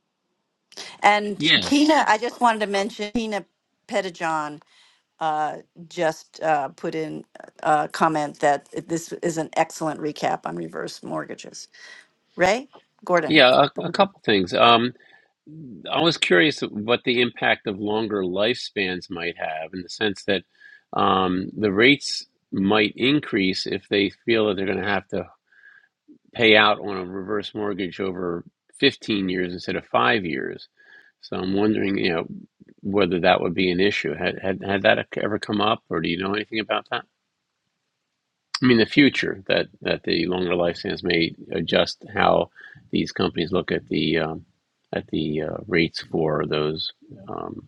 and Yes. kina i just wanted to mention kina pettijohn uh, just uh, put in a comment that this is an excellent recap on reverse mortgages. Ray Gordon. Yeah, a, a couple things. Um, I was curious what the impact of longer lifespans might have in the sense that um, the rates might increase if they feel that they're going to have to pay out on a reverse mortgage over 15 years instead of five years So I'm wondering, you know, whether that would be an issue. Had had had that ever come up, or do you know anything about that? I mean, the future that that the longer lifespans may adjust how these companies look at the um, at the uh, rates for those um,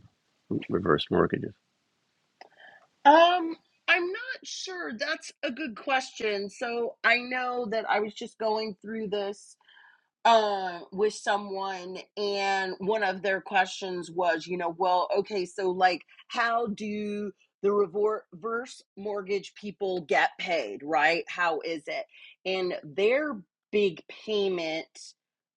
reverse mortgages. um i'm not sure that's a good question so i know that i was just going through this uh, with someone and one of their questions was you know well okay so like how do the reverse mortgage people get paid right how is it and their big payment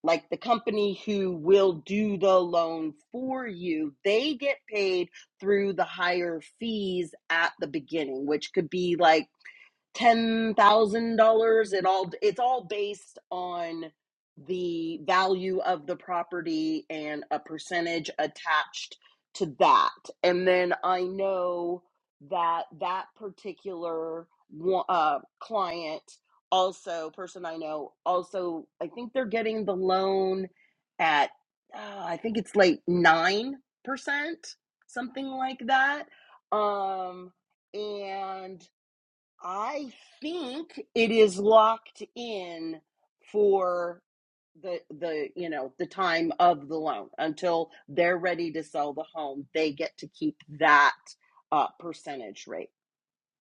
like the company who will do the loan for you they get paid through the higher fees at the beginning which could be like ten thousand dollars. It all it's all based on the value of the property and a percentage attached to that. And then I know that that particular one- uh, client also person I know also I think they're getting the loan at uh, I think it's like nine percent something like that. Um, and I think it is locked in for the the you know the time of the loan until they're ready to sell the home. They get to keep that uh, percentage rate.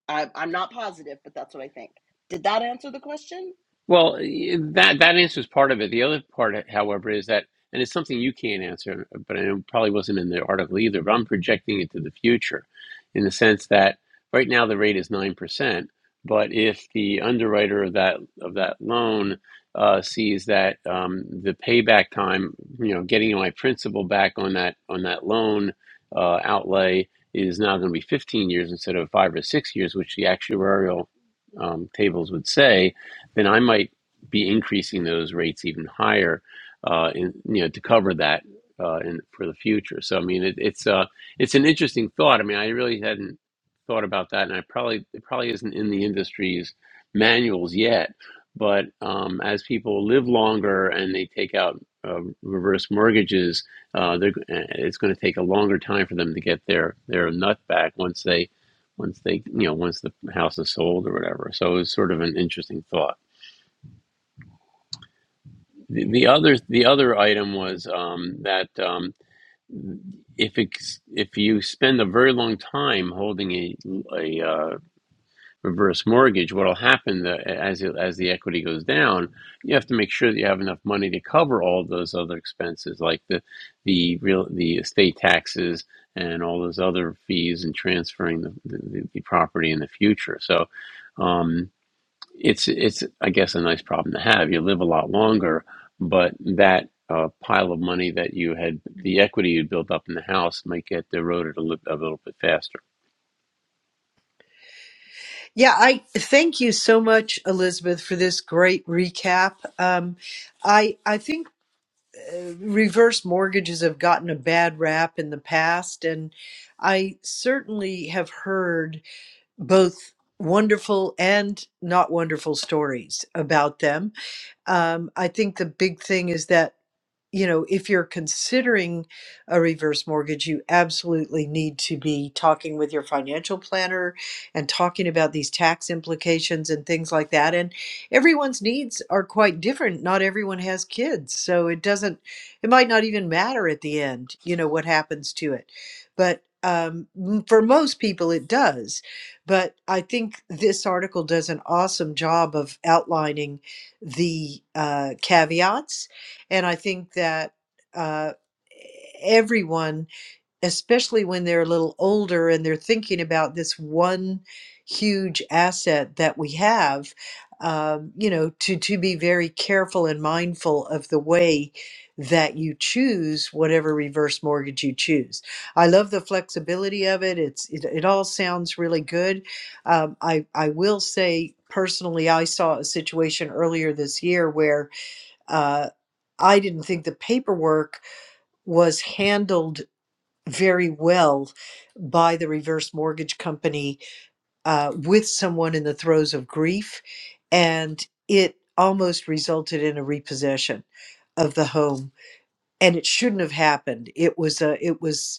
I, I'm not positive, but that's what I think. Did that answer the question? Well, y- that that answers part of it. The other part, however, is that, and it's something you can't answer, but it probably wasn't in the article either. But I'm projecting it to the future, in the sense that right now the rate is nine percent. But if the underwriter of that of that loan uh, sees that um, the payback time, you know, getting my principal back on that on that loan uh, outlay is now going to be 15 years instead of five or six years, which the actuarial um, tables would say then I might be increasing those rates even higher, uh, in, you know, to cover that uh, in, for the future. So I mean, it, it's uh, it's an interesting thought. I mean, I really hadn't thought about that, and I probably it probably isn't in the industry's manuals yet. But um, as people live longer and they take out uh, reverse mortgages, uh, they're, it's going to take a longer time for them to get their their nut back once they once they you know once the house is sold or whatever. So it was sort of an interesting thought. The the other the other item was um, that um, if it's, if you spend a very long time holding a, a uh, reverse mortgage, what'll happen the, as it, as the equity goes down, you have to make sure that you have enough money to cover all of those other expenses, like the the real the estate taxes and all those other fees and transferring the, the, the property in the future. So. Um, it's it's I guess a nice problem to have. You live a lot longer, but that uh, pile of money that you had, the equity you built up in the house, might get eroded a little, a little bit faster. Yeah, I thank you so much, Elizabeth, for this great recap. Um, I I think uh, reverse mortgages have gotten a bad rap in the past, and I certainly have heard both wonderful and not wonderful stories about them. Um, I think the big thing is that you know, if you're considering a reverse mortgage, you absolutely need to be talking with your financial planner and talking about these tax implications and things like that. And everyone's needs are quite different. Not everyone has kids. So it doesn't, it might not even matter at the end, you know, what happens to it. But um, m- for most people, it does. But I think this article does an awesome job of outlining the uh, caveats and I think that uh, everyone, especially when they're a little older and they're thinking about this one huge asset that we have, um, you know, to, to be very careful and mindful of the way that you choose whatever reverse mortgage you choose. I love the flexibility of it. It's it, it all sounds really good. Um, I I will say personally, I saw a situation earlier this year where uh, I didn't think the paperwork was handled very well by the reverse mortgage company uh, with someone in the throes of grief. And it almost resulted in a repossession of the home. And it shouldn't have happened. It was a, it was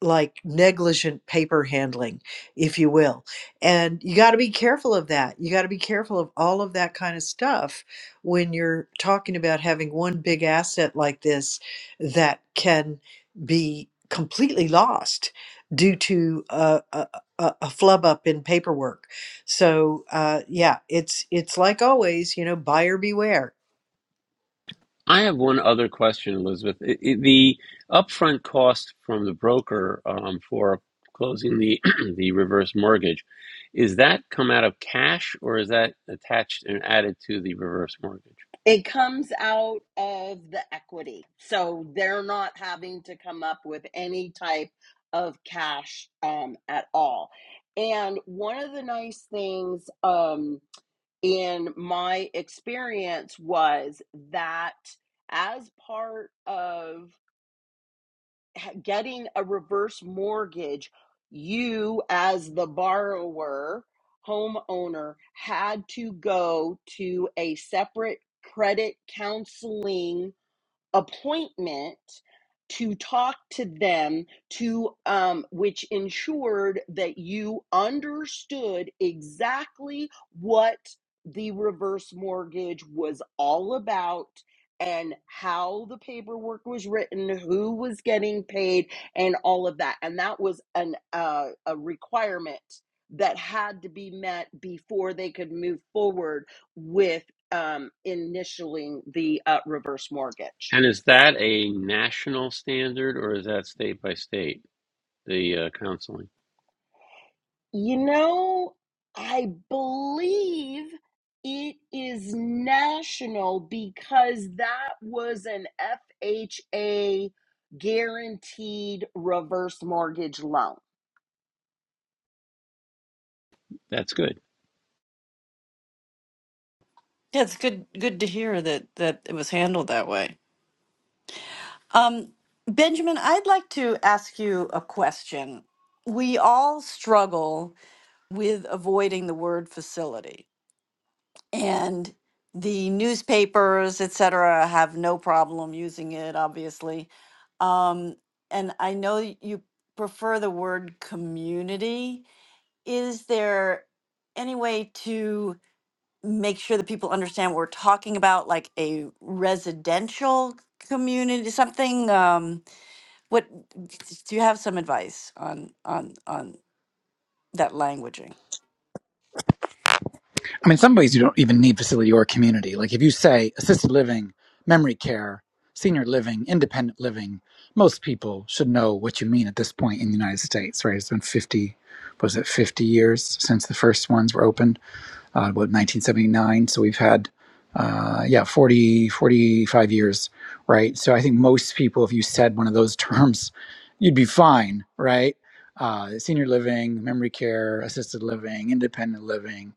like negligent paper handling, if you will. And you got to be careful of that. You got to be careful of all of that kind of stuff when you're talking about having one big asset like this that can be completely lost due to a, a, a a flub up in paperwork. So uh, yeah, it's it's like always, you know, buyer beware I have one other question, Elizabeth. I i the upfront cost from the broker um, for closing the the reverse mortgage is that come out of cash or is that attached and added to the reverse mortgage? It comes out of the equity, so they're not having to come up with any type of cash um, at all. And one of the nice things. Um, And my experience was that as part of getting a reverse mortgage, you, as the borrower, homeowner, had to go to a separate credit counseling appointment to talk to them to um, which ensured that you understood exactly what the reverse mortgage was all about and how the paperwork was written who was getting paid and all of that and that was an uh, a requirement that had to be met before they could move forward with um, initialing the uh, reverse mortgage And is that a national standard or is that state by state? The uh, counseling. You know, I believe it is national because that was an FHA guaranteed reverse mortgage loan. That's good. Yeah, it's good good to hear that that it was handled that way. Um, Benjamin, I'd like to ask you a question. We all struggle with avoiding the word facility. and the newspapers, et cetera, have no problem using it, obviously. Um, and I know y- you prefer the word community. Is there any way to make sure that people understand what we're talking about, like a residential community, something? Um, what do you have some advice on on on that languaging? I mean, in some ways, you don't even need facility or community. Like if you say assisted living, memory care, senior living, independent living, most people should know what you mean at this point in the United States, right? It's been 50, was it 50 years since the first ones were opened? uh, about 1979. So we've had, uh, yeah, 40, 45 years, right? So I think most people, if you said one of those terms, you'd be fine, right? Uh, senior living, memory care, assisted living, independent living,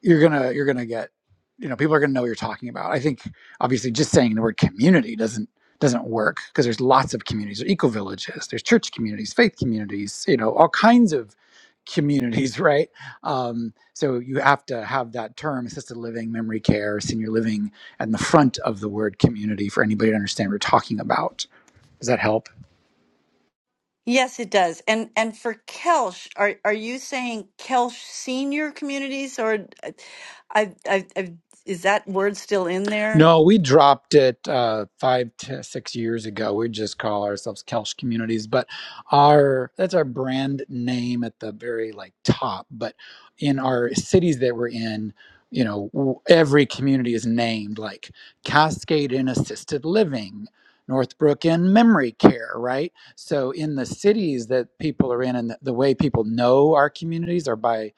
you're gonna you're gonna get you know people are gonna know what you're talking about i think obviously just saying the word community doesn't doesn't work because there's lots of communities there's eco villages there's church communities faith communities you know all kinds of communities right um, so you have to have that term assisted living memory care senior living and the front of the word community for anybody to understand what you're talking about does that help Yes, it does. And and for Kelsch, are are you saying Kelsch senior communities or I, I, I is that word still in there? No, we dropped it uh, five to six years ago. We just call ourselves Kelch Communities, but our that's our brand name at the very like top. But in our cities that we're in, you know, w- every community is named like Cascade in Assisted Living, Northbrook in Memory Care, right? So in the cities that people are in, and the the way people know our communities are by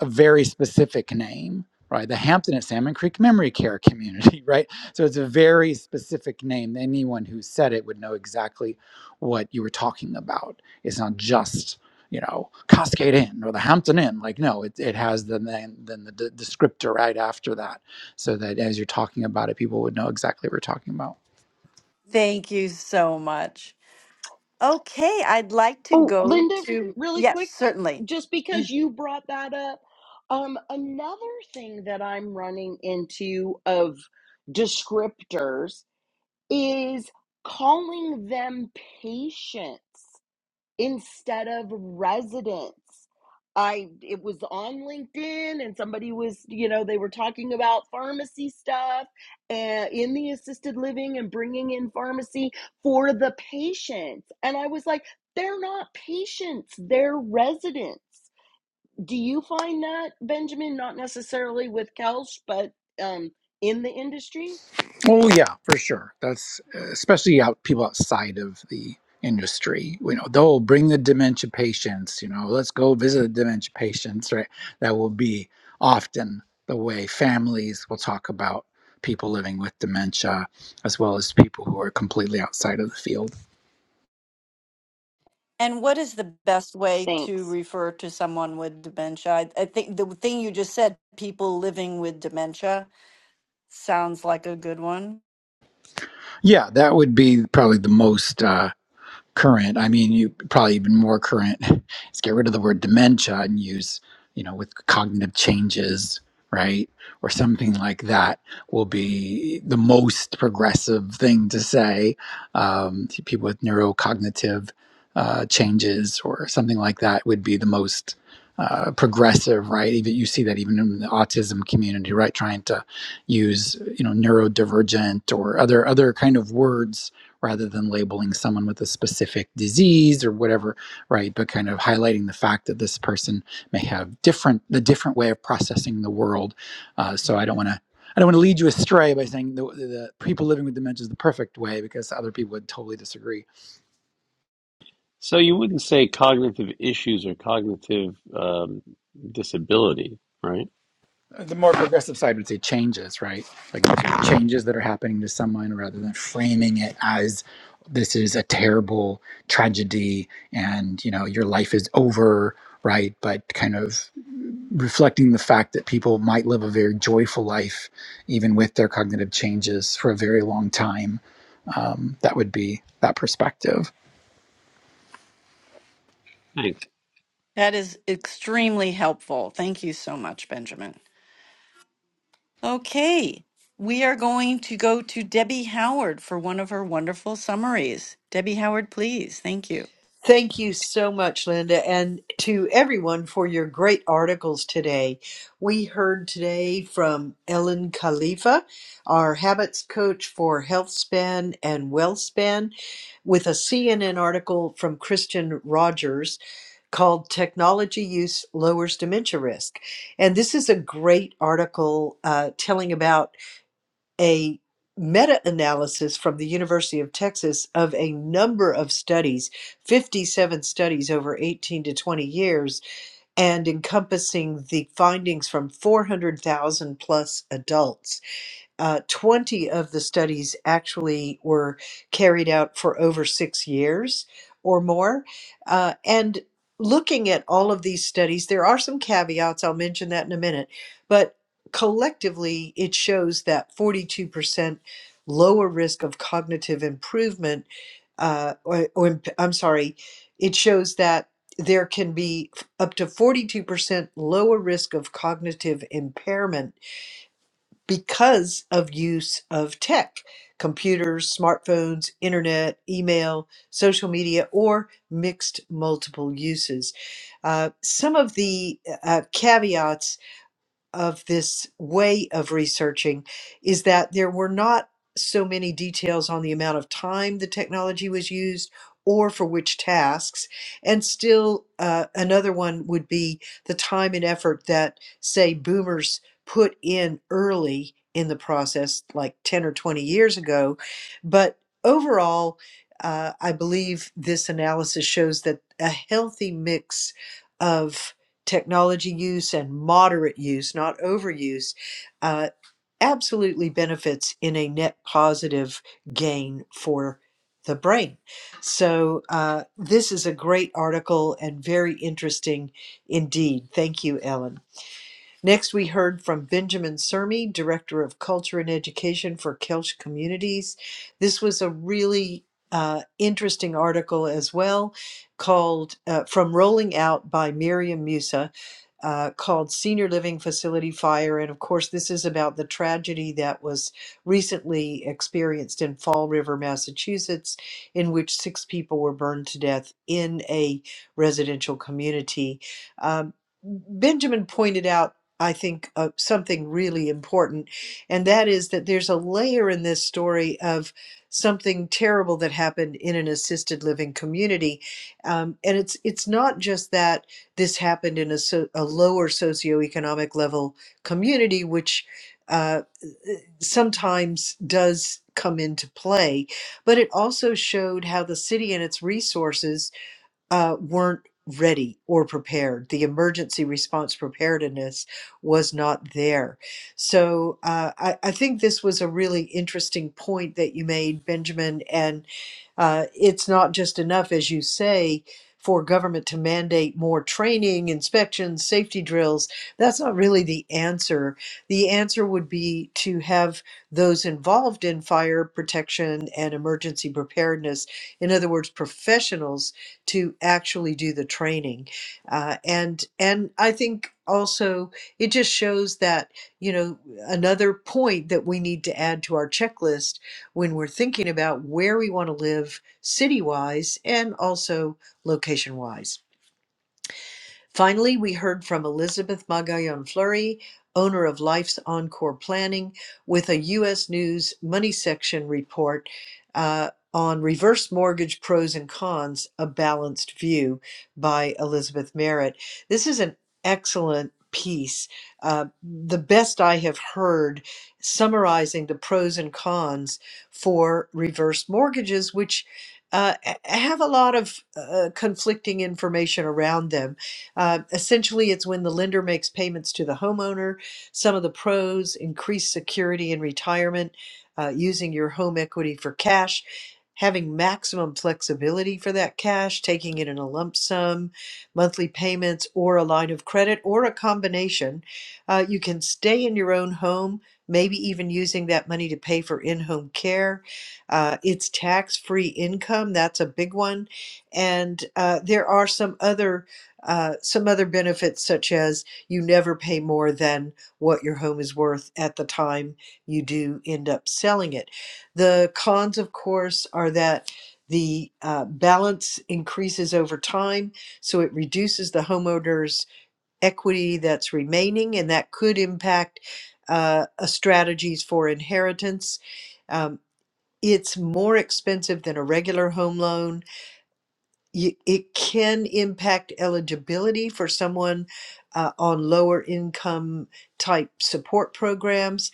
a very specific name, right? The Hampton at Salmon Creek Memory Care Community, right? So it's a very specific name. Anyone who said it would know exactly what you were talking about. It's not just you know Cascade Inn or the Hampton Inn. Like no, it, it has the name, then the d- descriptor right after that, so that as you're talking about it, people would know exactly what we're talking about. Thank you so much. Okay, I'd like to Oh, go Linda, to really yes, quick, certainly. just because you brought that up, um, another thing that I'm running into of descriptors is calling them patients instead of residents. I it was on LinkedIn and somebody was, you know, they were talking about pharmacy stuff and in the assisted living and bringing in pharmacy for the patients. And I was like, they're not patients, they're residents. Do you find that Benjamin not necessarily with Kelsch, but um in the industry? Oh yeah, for sure. That's especially out people outside of the industry. You know, they'll bring the dementia patients. You know, let's go visit the dementia patients. Right, that will be often the way families will talk about people living with dementia, as well as people who are completely outside of the field. And what is the best way to Thanks. refer to someone with dementia? I, I think the thing you just said, people living with dementia, sounds like a good one. Yeah, that would be probably the most. Uh, current. I mean, you probably even more current is get rid of the word dementia and use, you know, with cognitive changes, right? Or something like that will be the most progressive thing to say um, to people with neurocognitive uh, changes or something like that would be the most uh, progressive, right? Even you see that even in the autism community, right? Trying to use you know neurodivergent or other other kind of words rather than labeling someone with a specific disease or whatever, right? But kind of highlighting the fact that this person may have different the different way of processing the world. Uh, so I don't want to. I don't want to lead you astray by saying the, the people living with dementia is the perfect way because other people would totally disagree. So you wouldn't say cognitive issues or cognitive um, disability, right? Uh, The more progressive side would say changes, right? Like changes that are happening to someone rather than framing it as this is a terrible tragedy and you know your life is over right but kind of reflecting the fact that people might live a very joyful life, even with their cognitive changes, for a very long time. Um, that would be that perspective. Thanks. That is extremely helpful. Thank you so much, Benjamin. Okay, we are going to go to Debbie Howard for one of her wonderful summaries. Debbie Howard, please. Thank you. Thank you so much, Linda, and to everyone for your great articles today. We heard today from Ellen Khalifa, our habits coach for Healthspan and Wellspan, with a CNN article from Christian Rogers called Technology Use Lowers Dementia Risk. And this is a great article uh, telling about a meta analysis from the University of Texas of a number of studies, 57 studies over 18 to 20 years, and encompassing the findings from 400,000 plus adults. Uh, 20 of the studies actually were carried out for over six years or more. Uh, and looking at all of these studies, there are some caveats. I'll mention that in a minute. But collectively, it shows that 42% lower risk of cognitive improvement, uh, or, or imp- I'm sorry, it shows that there can be f- up to 42% lower risk of cognitive impairment because of use of tech, computers, smartphones, internet, email, social media, or mixed multiple uses. Uh, some of the uh, caveats of this way of researching is that there were not so many details on the amount of time the technology was used or for which tasks. And still, uh, another one would be the time and effort that, say, boomers put in early in the process, like 10 or 20 years ago. But overall, uh, I believe this analysis shows that a healthy mix of technology use and moderate use, not overuse, uh, absolutely benefits in a net positive gain for the brain. So, uh, this is a great article and very interesting indeed. Thank you, Ellen. Next, we heard from Benjamin Sermi, Director of Culture and Education for Kelch Communities. This was a really uh, interesting article as well, called uh, From Rolling Out by Miriam Musa, uh, called Senior Living Facility Fire. And of course, this is about the tragedy that was recently experienced in Fall River, Massachusetts, in which six people were burned to death in a residential community. Um, Benjamin pointed out I think, uh, something really important, and that is that there's a layer in this story of something terrible that happened in an assisted living community, um, and it's it's not just that this happened in a, so, a lower socioeconomic level community, which uh, sometimes does come into play, but it also showed how the city and its resources uh, weren't ready or prepared. The emergency response preparedness was not there. So uh, I, I think this was a really interesting point that you made, Benjamin. And uh, it's not just enough, as you say, for government to mandate more training, inspections, safety drills. That's not really the answer. The answer would be to have those involved in fire protection and emergency preparedness, in other words, professionals to actually do the training uh, and and i think also it just shows that you know another point that we need to add to our checklist when we're thinking about where we want to live city wise and also location wise Finally, we heard from Elizabeth Magallon Fleury, owner of Life's Encore Planning, with a U.S. News Money Section report uh, on reverse mortgage pros and cons, a balanced view by Elizabeth Merritt. This is an excellent piece, uh, the best I have heard, summarizing the pros and cons for reverse mortgages, which uh, a- have a lot of uh, conflicting information around them uh, essentially, it's when the lender makes payments to the homeowner. Some of the pros increased security in retirement, uh, using your home equity for cash, having maximum flexibility for that cash, taking it in a lump sum, monthly payments, or a line of credit, or a combination. Uh, you can stay in your own home, maybe even using that money to pay for in home care. Uh, it's tax free income, that's a big one. And uh, there are some other uh, some other benefits, such as you never pay more than what your home is worth at the time you do end up selling it. The cons, of course, are that the uh, balance increases over time, so it reduces the homeowner's equity that's remaining, and that could impact uh, uh, strategies for inheritance. Um, it's more expensive than a regular home loan y- it can impact eligibility for someone uh, on lower income type support programs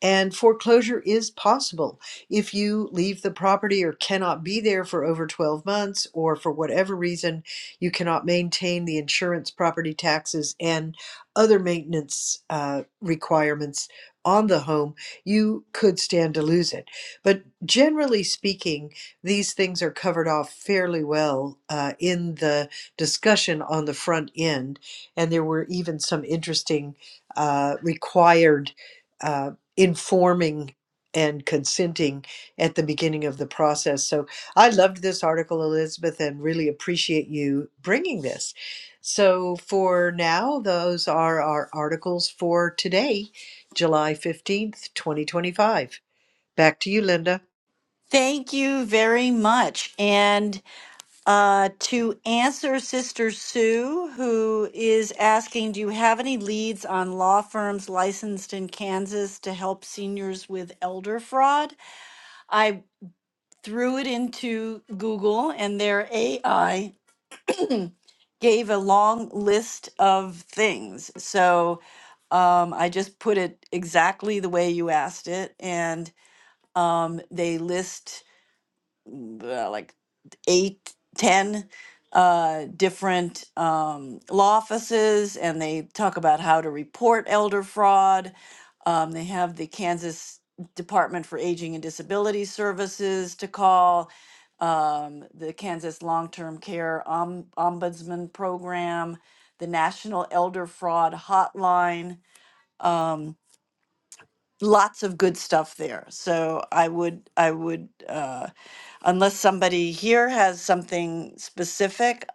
and foreclosure is possible if you leave the property or cannot be there for over 12 months, or for whatever reason, you cannot maintain the insurance, property taxes, and other maintenance uh, requirements on the home, you could stand to lose it. But generally speaking, these things are covered off fairly well uh, in the discussion on the front end. And there were even some interesting uh, required. uh, informing and consenting at the beginning of the process. So I loved this article, Elizabeth, and really appreciate you bringing this. So for now, those are our articles for today, July 15th, 2025. Back to you, Linda. Thank you very much. And uh, to answer Sister Sue, who is asking Do you have any leads on law firms licensed in Kansas to help seniors with elder fraud? I threw it into Google and their AI gave a long list of things. So um, I just put it exactly the way you asked it, and um, they list uh, like eight, ten uh, different um, law offices, and they talk about how to report elder fraud. Um, they have the Kansas Department for Aging and Disability Services to call, um, the Kansas Long Term Care Om- Ombudsman Program, the National Elder Fraud Hotline. Um, lots of good stuff there. So I would I would uh, unless somebody here has something specific,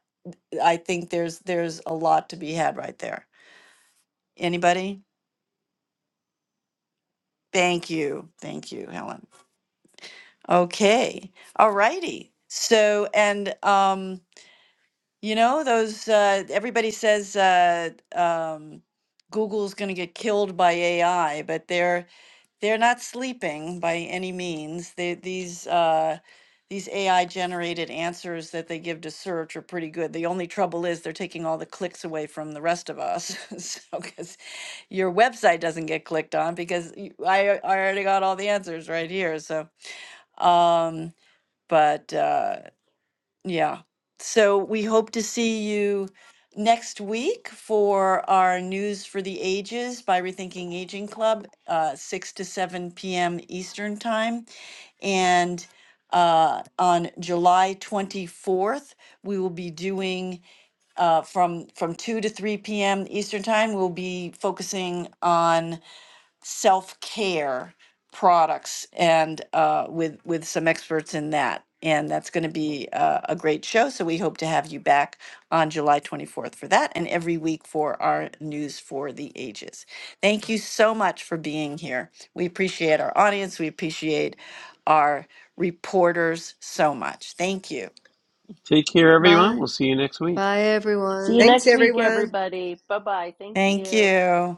I think there's there's a lot to be had right there. Anybody? Thank you. Thank you, Helen. Okay. All righty. So and um, you know, those uh everybody says uh um Google's gonna get killed by AI, but they're they're not sleeping by any means. They, these uh, these AI generated answers that they give to search are pretty good. The only trouble is they're taking all the clicks away from the rest of us. so, because your website doesn't get clicked on because you, I, I already got all the answers right here. So, um, but. uh, yeah. So we hope to see you next week for our News for the Ages by Rethinking Aging Club, uh, 6 to 7 p.m. Eastern Time. And uh, on July 24th, we will be doing uh, from from 2 to 3 p.m. Eastern Time. We'll be focusing on self-care products and uh, with with some experts in that and that's going to be uh, a great show so we hope to have you back on july 24th for that and every week for our news for the ages thank you so much for being here we appreciate our audience we appreciate our reporters so much thank you Take care, everyone. Bye. We'll see you next week. Bye, See everyone. you Thanks, next week everyone. everybody. Bye-bye. Thank thank you. you